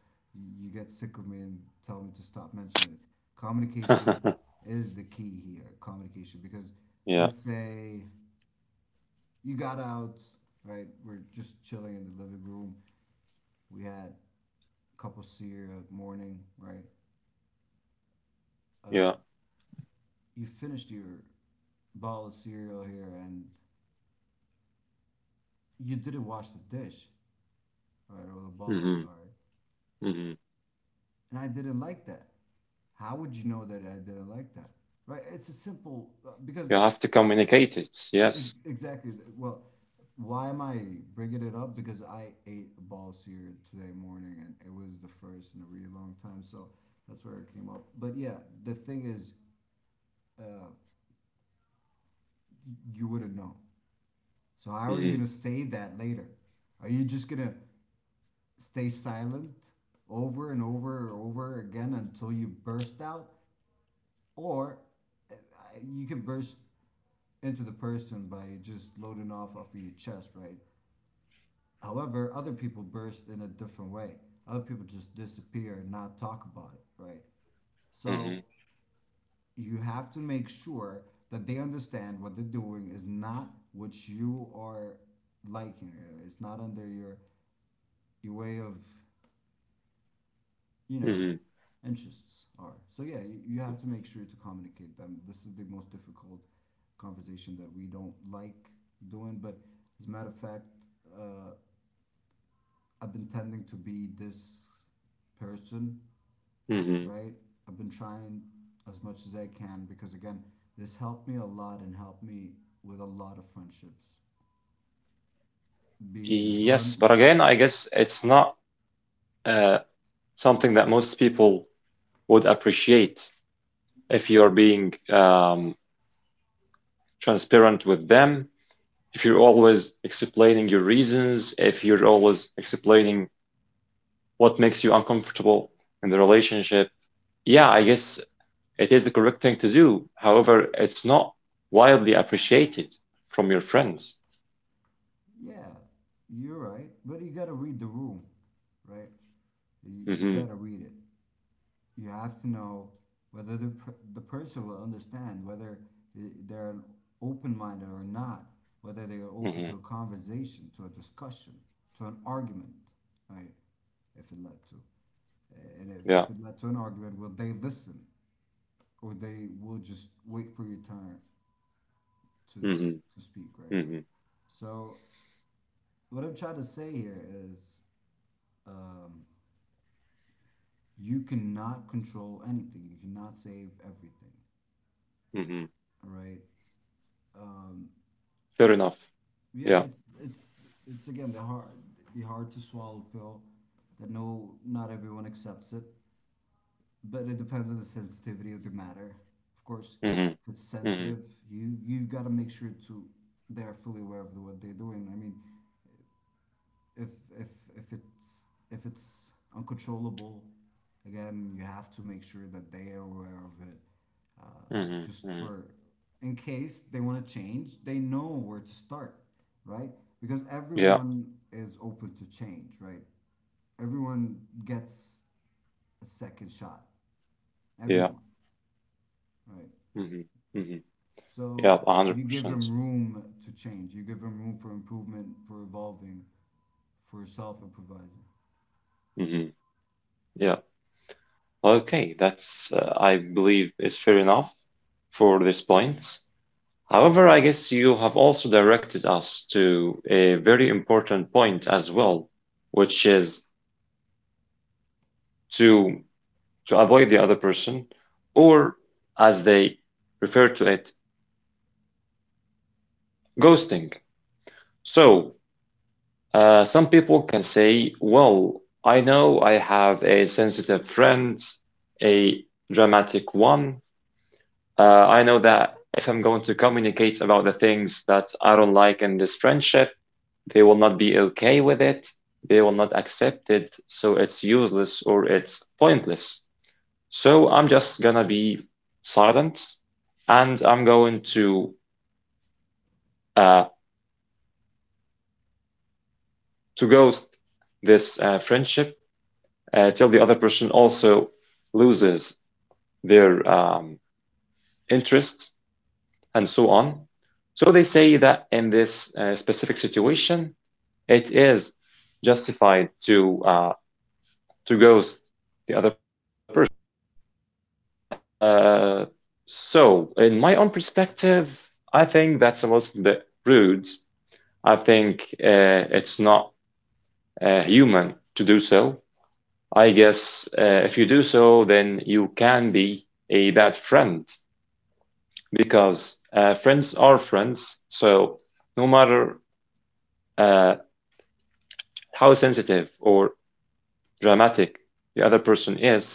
[SPEAKER 2] you get sick of me and tell me to stop mentioning it. Communication is the key here. Communication, because
[SPEAKER 1] yeah.
[SPEAKER 2] let's say you got out, right? We're just chilling in the living room. We had a cup of cereal morning, right?
[SPEAKER 1] Yeah.
[SPEAKER 2] You finished your bowl of cereal here and you didn't wash the dish, right? Or the bowl, I'm
[SPEAKER 1] hmm
[SPEAKER 2] sorry.
[SPEAKER 1] hmm
[SPEAKER 2] And I didn't like that. How would you know that I didn't like that? Right? It's a simple because
[SPEAKER 1] You have to communicate it. Yes.
[SPEAKER 2] exactly. Well, why am I bringing it up? Because I ate a ball sear today morning, and it was the first in a really long time, so that's where it came up. But yeah, the thing is, you wouldn't know. So how are you
[SPEAKER 1] hmm
[SPEAKER 2] gonna save that later? Are you just gonna stay silent over and over and over again until you burst out, or uh, you can burst into the person by just loading off of your chest, right? However, other people burst in a different way. Other people just disappear and not talk about it, right?
[SPEAKER 1] hmm
[SPEAKER 2] So you have to make sure that they understand what they're doing is not what you are liking. It's not under your way of, you know,
[SPEAKER 1] hmm
[SPEAKER 2] interests are. So yeah, you have to make sure to communicate them. This is the most difficult conversation that we don't like doing. But as a matter of fact, uh, I've been tending to be this person,
[SPEAKER 1] hmm
[SPEAKER 2] right? I've been trying as much as I can because again, this helped me a lot and helped me with a lot of friendships. Being
[SPEAKER 1] Yes,
[SPEAKER 2] blunt,
[SPEAKER 1] but again, I guess it's not uh, something that most people would appreciate if you're being transparent with them, if you're always explaining your reasons, if you're always explaining what makes you uncomfortable in the relationship. Yeah, I guess it is the correct thing to do. However, it's not widely appreciated from your friends.
[SPEAKER 2] yeah, you're right, but you gotta read the room, right? You
[SPEAKER 1] hmm
[SPEAKER 2] gotta read it. You have to know whether the, the person will understand, whether they're open-minded or not, whether they are open
[SPEAKER 1] hmm
[SPEAKER 2] to a conversation, to a discussion, to an argument, right? If it led to, and
[SPEAKER 1] Yeah.
[SPEAKER 2] if it led to an argument, will they listen, or they will just wait for your turn to this
[SPEAKER 1] hmm
[SPEAKER 2] to speak, right?
[SPEAKER 1] hmm
[SPEAKER 2] So what I'm trying to say here is, um, you cannot control anything, you cannot save everything,
[SPEAKER 1] hmm
[SPEAKER 2] all right?
[SPEAKER 1] Fair enough.
[SPEAKER 2] Yeah,
[SPEAKER 1] Yeah.
[SPEAKER 2] it's again the hard, the hard to swallow pill that no not everyone accepts it, but it depends on the sensitivity of the matter. Of course,
[SPEAKER 1] hmm
[SPEAKER 2] if it's
[SPEAKER 1] hmm
[SPEAKER 2] sensitive, you've got to make sure to they're fully aware of what they're doing. I mean, if if if it's if it's uncontrollable, again, you have to make sure that they are aware of it.
[SPEAKER 1] Mhm,
[SPEAKER 2] Just
[SPEAKER 1] mhm.
[SPEAKER 2] for in case they want to change, they know where to start, right? Because
[SPEAKER 1] Yeah,
[SPEAKER 2] everyone is open to change, right? Everyone gets a second shot.
[SPEAKER 1] yeah.
[SPEAKER 2] Everyone, right?
[SPEAKER 1] Mhm, mhm. Yeah,
[SPEAKER 2] So you give
[SPEAKER 1] 100%.
[SPEAKER 2] them room to change. You give them room for improvement, for evolving, for self improvising.
[SPEAKER 1] Mhm, Yeah. Okay, that's, I believe, is fair enough for this point. However, I guess you have also directed us to a very important point as well, which is to to avoid the other person, or as they refer to it, ghosting. So, uh, some people can say, well, I know I have a sensitive friend, a dramatic one. I know that if I'm going to communicate about the things that I don't like in this friendship, they will not be okay with it. They will not accept it. So it's useless or it's pointless. So I'm just gonna be silent and I'm going uh, to ghost this friendship till the other person also loses their interest and so on. So they say that in this specific situation, it is justified to ghost the other person. Uh, so in my own perspective, I think that's a little bit rude. I think it's not human to do so. I guess if you do so, then you can be a bad friend because friends are friends. So no matter uh, how sensitive or dramatic the other person is,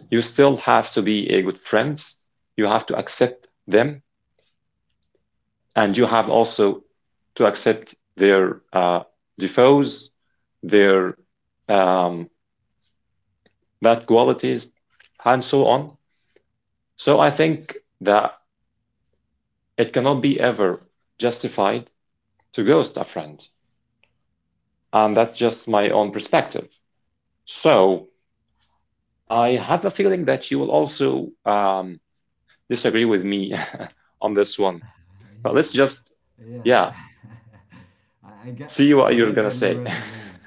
[SPEAKER 1] you still have to be a good friend. You have to accept them, and you have also to accept their defaults, their um, bad qualities, and so on. So I think that it cannot be ever justified to ghost a friend, and that's just my own perspective. So I have a feeling that you will also disagree with me on this one. But
[SPEAKER 2] Yeah,
[SPEAKER 1] let's just,
[SPEAKER 2] yeah.
[SPEAKER 1] yeah,
[SPEAKER 2] I get.
[SPEAKER 1] see
[SPEAKER 2] I
[SPEAKER 1] what you're
[SPEAKER 2] like
[SPEAKER 1] gonna
[SPEAKER 2] that you
[SPEAKER 1] say.
[SPEAKER 2] read the room.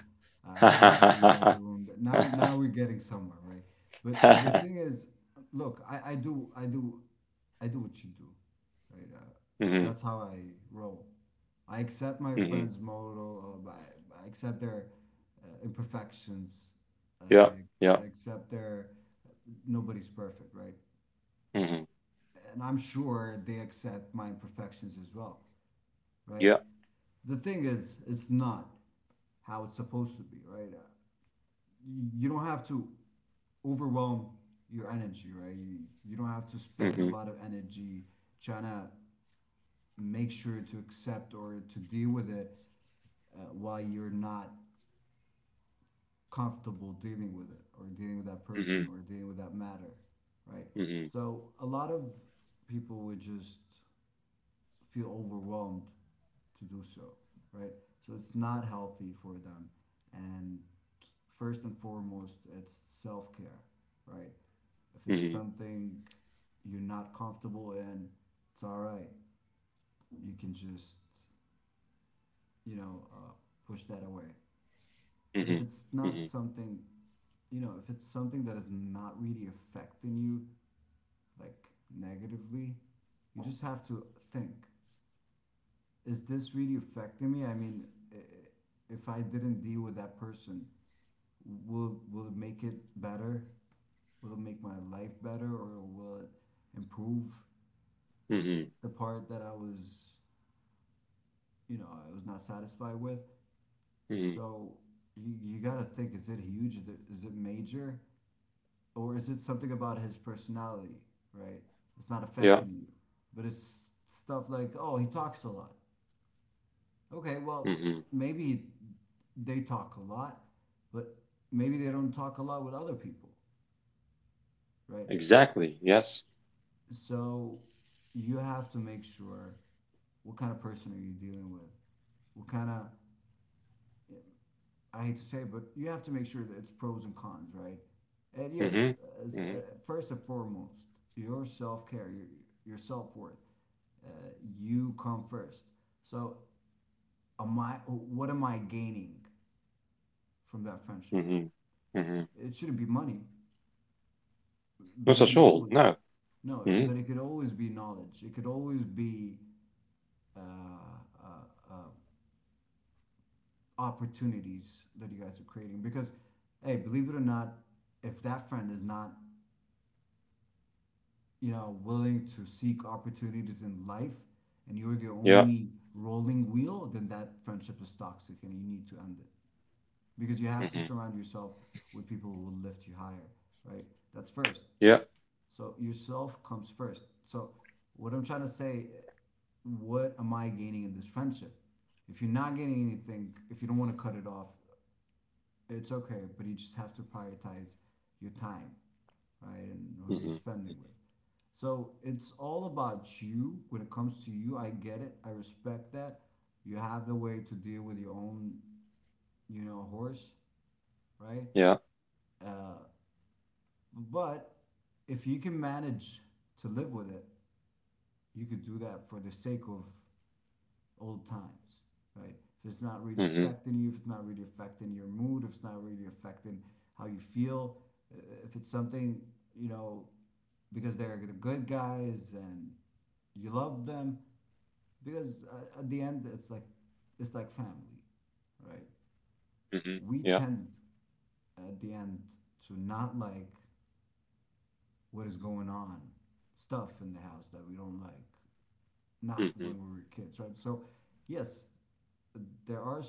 [SPEAKER 2] I like that you read
[SPEAKER 1] hmm
[SPEAKER 2] the room. Now, now we're getting somewhere, right? But the thing is, look, I do what you do, right? That's how I roll. I accept my
[SPEAKER 1] hmm
[SPEAKER 2] friend's motto. I accept their imperfections.
[SPEAKER 1] Yeah,
[SPEAKER 2] I,
[SPEAKER 1] yeah,
[SPEAKER 2] I accept their uh, nobody's perfect, right?
[SPEAKER 1] hmm
[SPEAKER 2] And I'm sure they accept my imperfections as well, right?
[SPEAKER 1] yeah,
[SPEAKER 2] The thing is, it's not how it's supposed to be, right? You don't have to overwhelm your energy, right? You don't have to
[SPEAKER 1] hmm
[SPEAKER 2] spend a
[SPEAKER 1] hmm
[SPEAKER 2] lot of energy trying to make sure to accept or to deal with it while you're not comfortable dealing with it or dealing with that
[SPEAKER 1] hmm
[SPEAKER 2] person or dealing with that matter, right?
[SPEAKER 1] hmm
[SPEAKER 2] So a lot of people would just feel overwhelmed to do so, right? So it's not healthy for them. And first and foremost, it's self care, right? If it's
[SPEAKER 1] hmm
[SPEAKER 2] something you're not comfortable in, it's all right. You can just, you know, push that away. But if
[SPEAKER 1] hmm
[SPEAKER 2] it's not something, you know, if it's something that is not really affecting you, like negatively, you just have to think, is this really affecting me? I mean, if I didn't deal with that person, will it make it better? Will it make my life better, or will it improve
[SPEAKER 1] hmm
[SPEAKER 2] the part that I was, you know, I was not satisfied with?
[SPEAKER 1] hmm
[SPEAKER 2] So you gotta think: is it huge? Is it major, or is it something about his personality? Right? It's not
[SPEAKER 1] yeah,
[SPEAKER 2] affecting you, but it's stuff like, oh, he talks a lot. Okay, well,
[SPEAKER 1] hmm
[SPEAKER 2] maybe they talk a lot, but maybe they don't talk a lot with other people, right?
[SPEAKER 1] exactly, yes,
[SPEAKER 2] So you have to make sure what kind of person are you dealing with? What kind of, I hate to say it, but you have to make sure that it's pros and cons, right? And yes,
[SPEAKER 1] hmm
[SPEAKER 2] as,
[SPEAKER 1] hmm
[SPEAKER 2] first and foremost, your self care, your self worth, uh, you come first. So, am I? What am I gaining from that friendship?
[SPEAKER 1] hmm hmm
[SPEAKER 2] It shouldn't be money. But
[SPEAKER 1] not
[SPEAKER 2] it
[SPEAKER 1] at
[SPEAKER 2] can
[SPEAKER 1] all,
[SPEAKER 2] always,
[SPEAKER 1] no,
[SPEAKER 2] no,
[SPEAKER 1] hmm
[SPEAKER 2] but it could always be knowledge. It could always be uh, uh, uh, opportunities that you guys are creating. Because, hey, believe it or not, if that friend is not, willing to seek opportunities in life and you're the
[SPEAKER 1] yeah,
[SPEAKER 2] only rolling wheel, then that friendship is toxic and you need to end it. Because you have to
[SPEAKER 1] hmm
[SPEAKER 2] surround yourself with people who will lift you higher, right? That's first.
[SPEAKER 1] yeah,
[SPEAKER 2] So yourself comes first. So what I'm trying to say, what am I gaining in this friendship? If you're not gaining anything, if you don't want to cut it off, it's okay, but you just have to prioritize your time, right? And who you're
[SPEAKER 1] hmm
[SPEAKER 2] spending with. So it's all about you when it comes to you. I get it. I respect that. You have the way to deal with your own, horse, right?
[SPEAKER 1] yeah.
[SPEAKER 2] Uh, but if you can manage to live with it, you could do that for the sake of old times, right? If it's not really
[SPEAKER 1] Mhm,
[SPEAKER 2] affecting you, if it's not really affecting your mood, if it's not really affecting how you feel, if it's something, you know, because they're the good guys and you love them, because at the end, it's like family, right?
[SPEAKER 1] mhm,
[SPEAKER 2] We
[SPEAKER 1] yeah,
[SPEAKER 2] tend at the end to not like what is going on, stuff in the house that we don't like, not
[SPEAKER 1] mhm,
[SPEAKER 2] when we were kids, right? So, yes, there are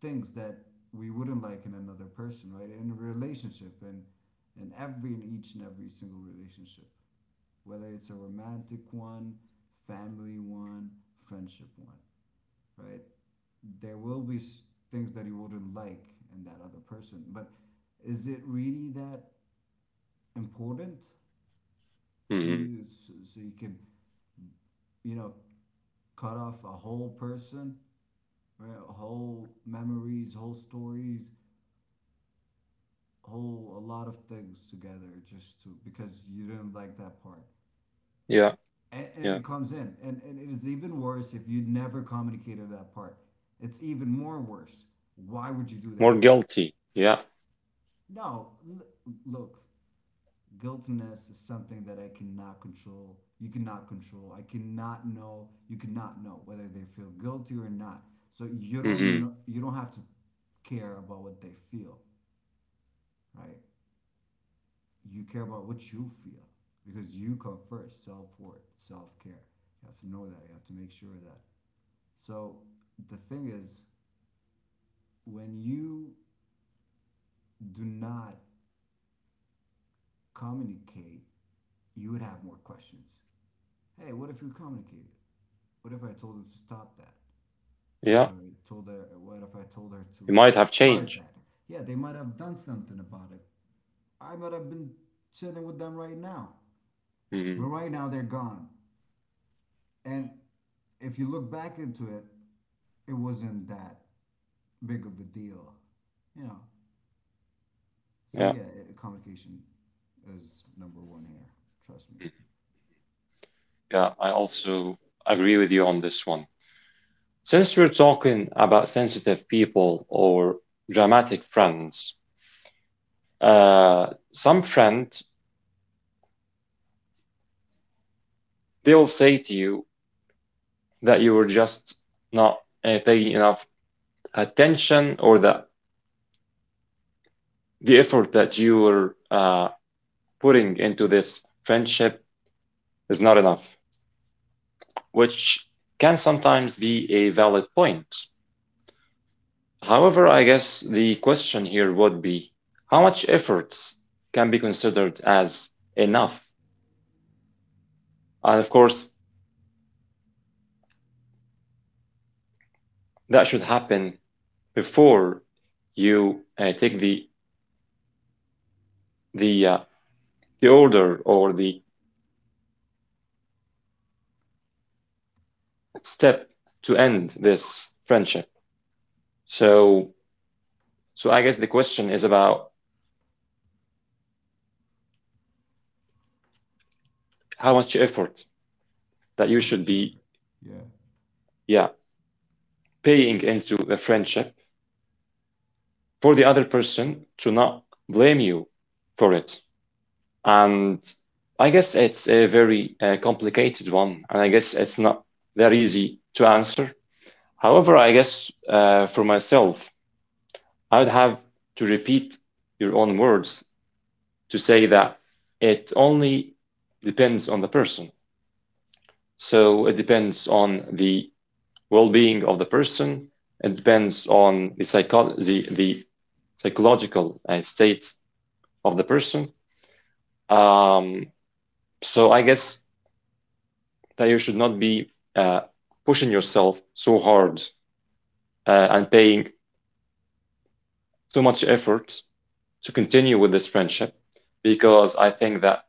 [SPEAKER 2] things that we wouldn't like in another person, right? In a relationship, and in every in each and every single relationship, whether it's a romantic one, family one, friendship one, right? There will be things that you wouldn't like in that other person, but is it really that important for
[SPEAKER 1] mhm,
[SPEAKER 2] you so, so you can, you know, cut off a whole person, right? Whole memories, whole stories, whole a lot of things together just to because you didn't like that part
[SPEAKER 1] yeah,
[SPEAKER 2] and
[SPEAKER 1] yeah.
[SPEAKER 2] it comes in and it is even worse if you never communicated that part. It's even more worse. Why would you do
[SPEAKER 1] More
[SPEAKER 2] that?
[SPEAKER 1] guilty, yeah,
[SPEAKER 2] No, look, guiltiness is something that I cannot control, you cannot control, I cannot know, you cannot know whether they feel guilty or not. So you don't
[SPEAKER 1] mhm,
[SPEAKER 2] know, you don't have to care about what they feel, right? You care about what you feel, because you come first. Self worth, self care. You have to know that. You have to make sure of that. So the thing is, when you do not communicate, you would have more questions. Hey, what if you communicated? What if I told her to stop that? What if
[SPEAKER 1] yeah.
[SPEAKER 2] I told her? What if I told her
[SPEAKER 1] You
[SPEAKER 2] to
[SPEAKER 1] might have
[SPEAKER 2] start
[SPEAKER 1] changed.
[SPEAKER 2] that? Yeah, they might have done something about it. I might have been sitting with them right now, but
[SPEAKER 1] Mhm,
[SPEAKER 2] right now they're gone. And if you look back into it, it wasn't that big of a deal, you know. So
[SPEAKER 1] yeah,
[SPEAKER 2] yeah, communication is number one here. Trust me.
[SPEAKER 1] mhm, yeah. I also agree with you on this one. Since we're talking about sensitive people or dramatic friends, uh, some friend they'll say to you that you were just not paying enough attention or that the effort that you were putting into this friendship is not enough, which can sometimes be a valid point. However, I guess the question here would be how much effort can be considered as enough? And of course, that should happen before you take the the uh, the order or the step to end this friendship. So so I guess the question is about how much effort that you
[SPEAKER 2] How
[SPEAKER 1] should
[SPEAKER 2] much
[SPEAKER 1] be
[SPEAKER 2] effort? Yeah,
[SPEAKER 1] yeah paying into the friendship for the other person to not blame you for it. And I guess it's a very complicated one, and I guess it's not that easy to answer. However, I guess for myself, I would have to repeat your own words to say that it only depends on the person. So it depends on the well-being of the person. It depends on the the psychological state of the person. Um, so I guess that you should not be uh, pushing yourself so hard and paying so much effort to continue with this friendship because I think that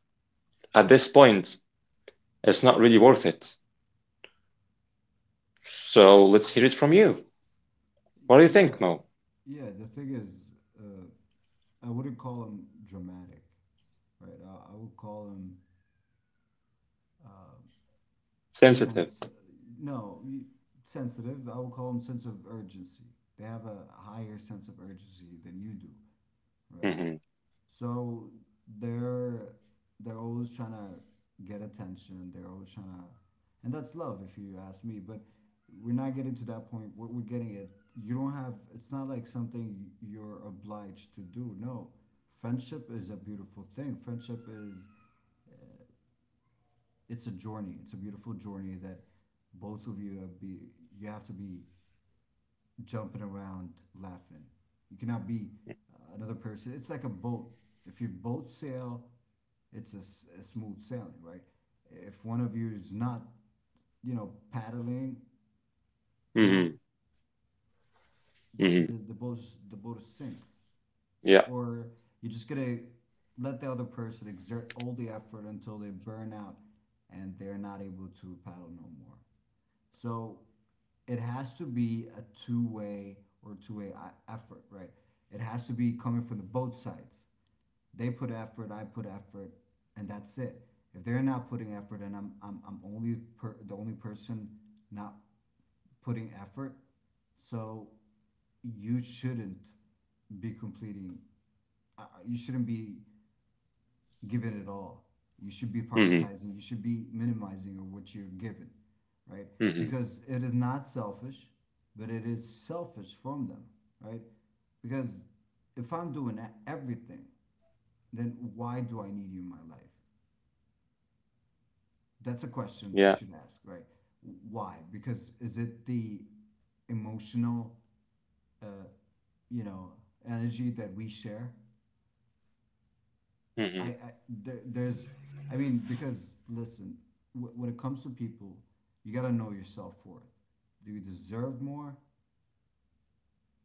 [SPEAKER 1] at this point it's not really worth it. So let's hear it from you. What do you
[SPEAKER 2] yeah,
[SPEAKER 1] think, Mo?
[SPEAKER 2] yeah. The thing is, uh, I wouldn't call him dramatic, right? I would call him
[SPEAKER 1] Sensitive.
[SPEAKER 2] sense, no, you- sensitive. I will call them sense of urgency. They have a higher sense of urgency than you do, right?
[SPEAKER 1] Mm-hmm.
[SPEAKER 2] So they're they're always trying to get attention. They're always trying to, and that's love, if you ask me. But we're not getting to that point. What we're getting at, you don't have. It's not like something you're obliged to do. No, friendship is a beautiful thing. Friendship is it's a journey. It's a beautiful journey that both of you be you have to be jumping around laughing. You cannot be another person. It's like a boat. If you both sail, it's a smooth sailing, right? If one of you is not, paddling, you know,
[SPEAKER 1] Mm-hmm. Mm-hmm.
[SPEAKER 2] the the, boat the boat is sink,
[SPEAKER 1] Yeah.
[SPEAKER 2] or you're just gonna let the other person exert all the effort until they burn out and they're not able to paddle no more. So it has to be a two-way effort, right? It has to be coming from the both sides. They put effort, I put effort, and that's it. If they're not putting effort, and the only person not putting effort, so you shouldn't be completing. You shouldn't be given it all. You should be
[SPEAKER 1] Mm-hmm.
[SPEAKER 2] prioritizing. You should be minimizing what you're given, right?
[SPEAKER 1] Mm-hmm.
[SPEAKER 2] Because it is not selfish, but it is selfish from them, right? Because if I'm doing everything, then why do I need you in my life? That's a question they
[SPEAKER 1] Yeah.
[SPEAKER 2] should ask, right? Why? Because is it the emotional, you know, energy that we share?
[SPEAKER 1] Mm-hmm.
[SPEAKER 2] I there, there's I mean, because listen, when it comes to people, you gotta know yourself for it. Do you deserve more?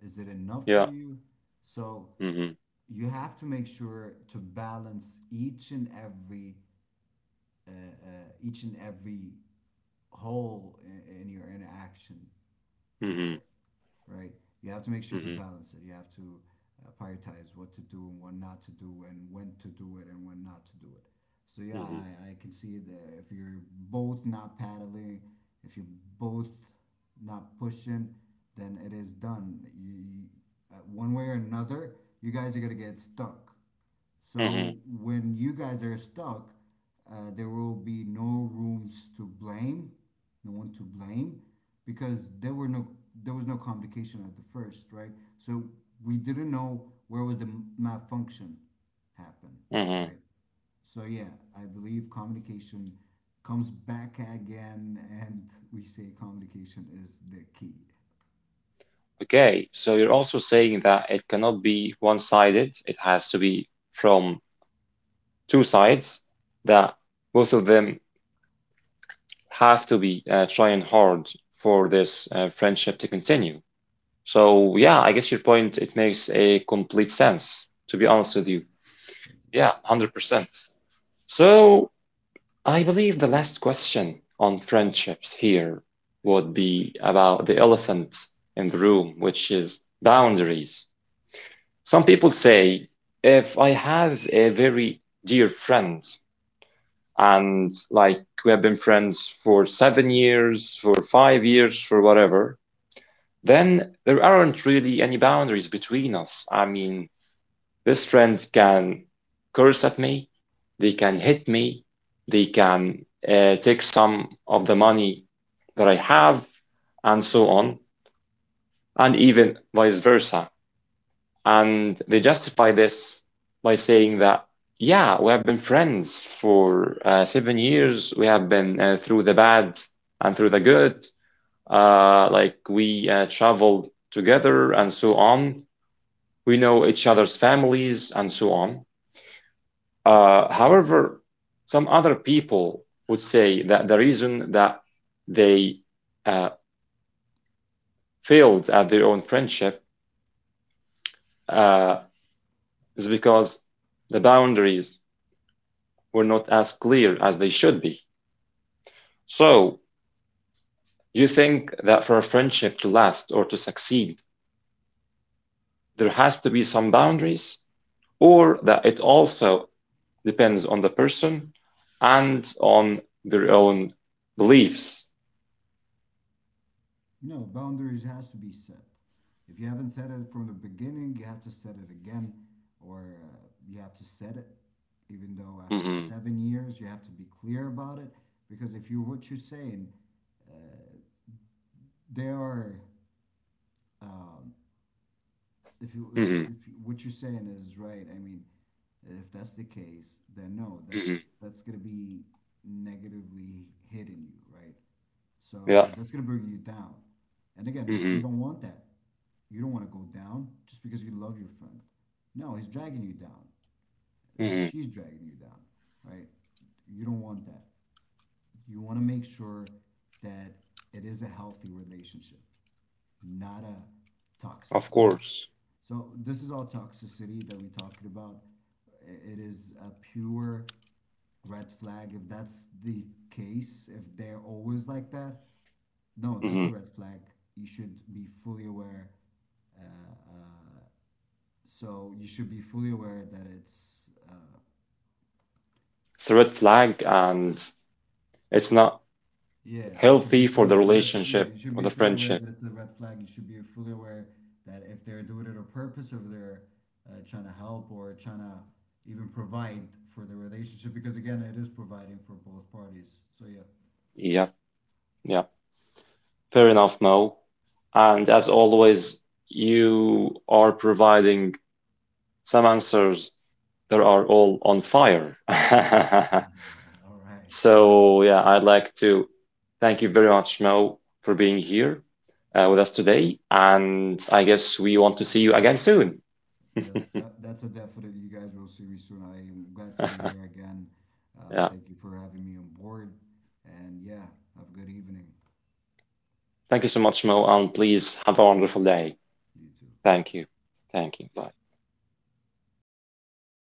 [SPEAKER 2] Is it enough
[SPEAKER 1] Yeah.
[SPEAKER 2] for you? So
[SPEAKER 1] Mm-hmm.
[SPEAKER 2] you have to make sure to balance each and every whole in your interaction
[SPEAKER 1] Mm-hmm.
[SPEAKER 2] matter, right? You have to make sure to
[SPEAKER 1] Mm-hmm.
[SPEAKER 2] balance it. You have to prioritize what to do and what not to do, and when to do it and when not to do it. So yeah,
[SPEAKER 1] Mm-hmm.
[SPEAKER 2] I can see that if you're both not paddling, if you're both not pushing, then it is done. You one way or another, you guys are gonna get stuck.
[SPEAKER 1] Mm-hmm.
[SPEAKER 2] So when you guys are stuck, there will be no rooms to blame, no one to blame, because there was no communication at the first, right? So we didn't know where was the malfunction happen,
[SPEAKER 1] Mm-hmm.
[SPEAKER 2] right? So yeah, I believe communication comes back again, and we say communication is the key.
[SPEAKER 1] Okay, so you're also saying that it cannot be one-sided. It has to be from two sides, that both of them have to be trying hard for this friendship to continue. So yeah, I guess your point, it makes a complete sense, to be honest with you. Yeah, 100%. So I believe the last question on friendships here would be about the elephant in the room, which is boundaries. Some people say if I have a very dear friend and like we have been friends for seven years, for five years, for whatever, then there aren't really any boundaries between us. I mean, this friend can curse at me, they can hit me, they can take some of the money that I have, and so on, and even vice versa. And they justify this by saying that, yeah, we have been friends for seven years. We have been through the bad and through the good. Like we traveled together and so on. We know each other's families and so on. However, some other people would say that the reason that they uh, failed at their own friendship uh, is because the boundaries were not as clear as they should be. So, you think that for a friendship to last or to succeed, there has to be some boundaries, or that it also depends on the person and on their own beliefs?
[SPEAKER 2] No, boundaries has to be set. If you haven't set it from the beginning, you have to set it again, or you have to set it. Even though after
[SPEAKER 1] Mm-hmm.
[SPEAKER 2] 7 years, you have to be clear about it, because if you what you're saying, they are
[SPEAKER 1] Mm-hmm.
[SPEAKER 2] if you, what you're saying is right, I mean, if that's the case, then no,
[SPEAKER 1] Mm-hmm.
[SPEAKER 2] that's gonna be negatively hitting you, right?
[SPEAKER 1] Yeah.
[SPEAKER 2] So that's gonna bring you down. And again,
[SPEAKER 1] Mm-hmm.
[SPEAKER 2] we don't want that. You don't want to go down just because you love your friend. No, he's dragging you down.
[SPEAKER 1] Mm-hmm.
[SPEAKER 2] She's dragging you down, right? You don't want that. You want to make sure that it is a healthy relationship, not a toxic
[SPEAKER 1] Of
[SPEAKER 2] one.
[SPEAKER 1] course.
[SPEAKER 2] So this is all toxicity that we're talking about. It is a pure red flag. If that's the case, if they're always like that, no, that's
[SPEAKER 1] Mm-hmm.
[SPEAKER 2] a red flag. You should be fully aware. Uh, uh, so you should be fully aware that it's
[SPEAKER 1] It's a red flag and it's not
[SPEAKER 2] yeah, you should be
[SPEAKER 1] healthy for the
[SPEAKER 2] fully
[SPEAKER 1] relationship
[SPEAKER 2] you should
[SPEAKER 1] or
[SPEAKER 2] be
[SPEAKER 1] the
[SPEAKER 2] fully aware
[SPEAKER 1] friendship.
[SPEAKER 2] that it's a red flag. You should be fully aware that if they're doing it on purpose, or if they're trying to help or trying to even provide for the relationship, because again, it is providing for both parties. So yeah.
[SPEAKER 1] Yeah. Yeah. Fair enough, Mo. And as always, you are providing some answers that are all on fire.
[SPEAKER 2] All right.
[SPEAKER 1] So, yeah, I'd like to thank you very much, Mo, for being here with us today. And I guess we want to see you again soon.
[SPEAKER 2] That's a definite. You guys will see me soon. I am glad to be here again.
[SPEAKER 1] Yeah.
[SPEAKER 2] Thank you for having me on board. And yeah, have a good evening.
[SPEAKER 1] Thank you so much, Mo, and please have a wonderful day.
[SPEAKER 2] You too.
[SPEAKER 1] Thank you. Thank you. Bye.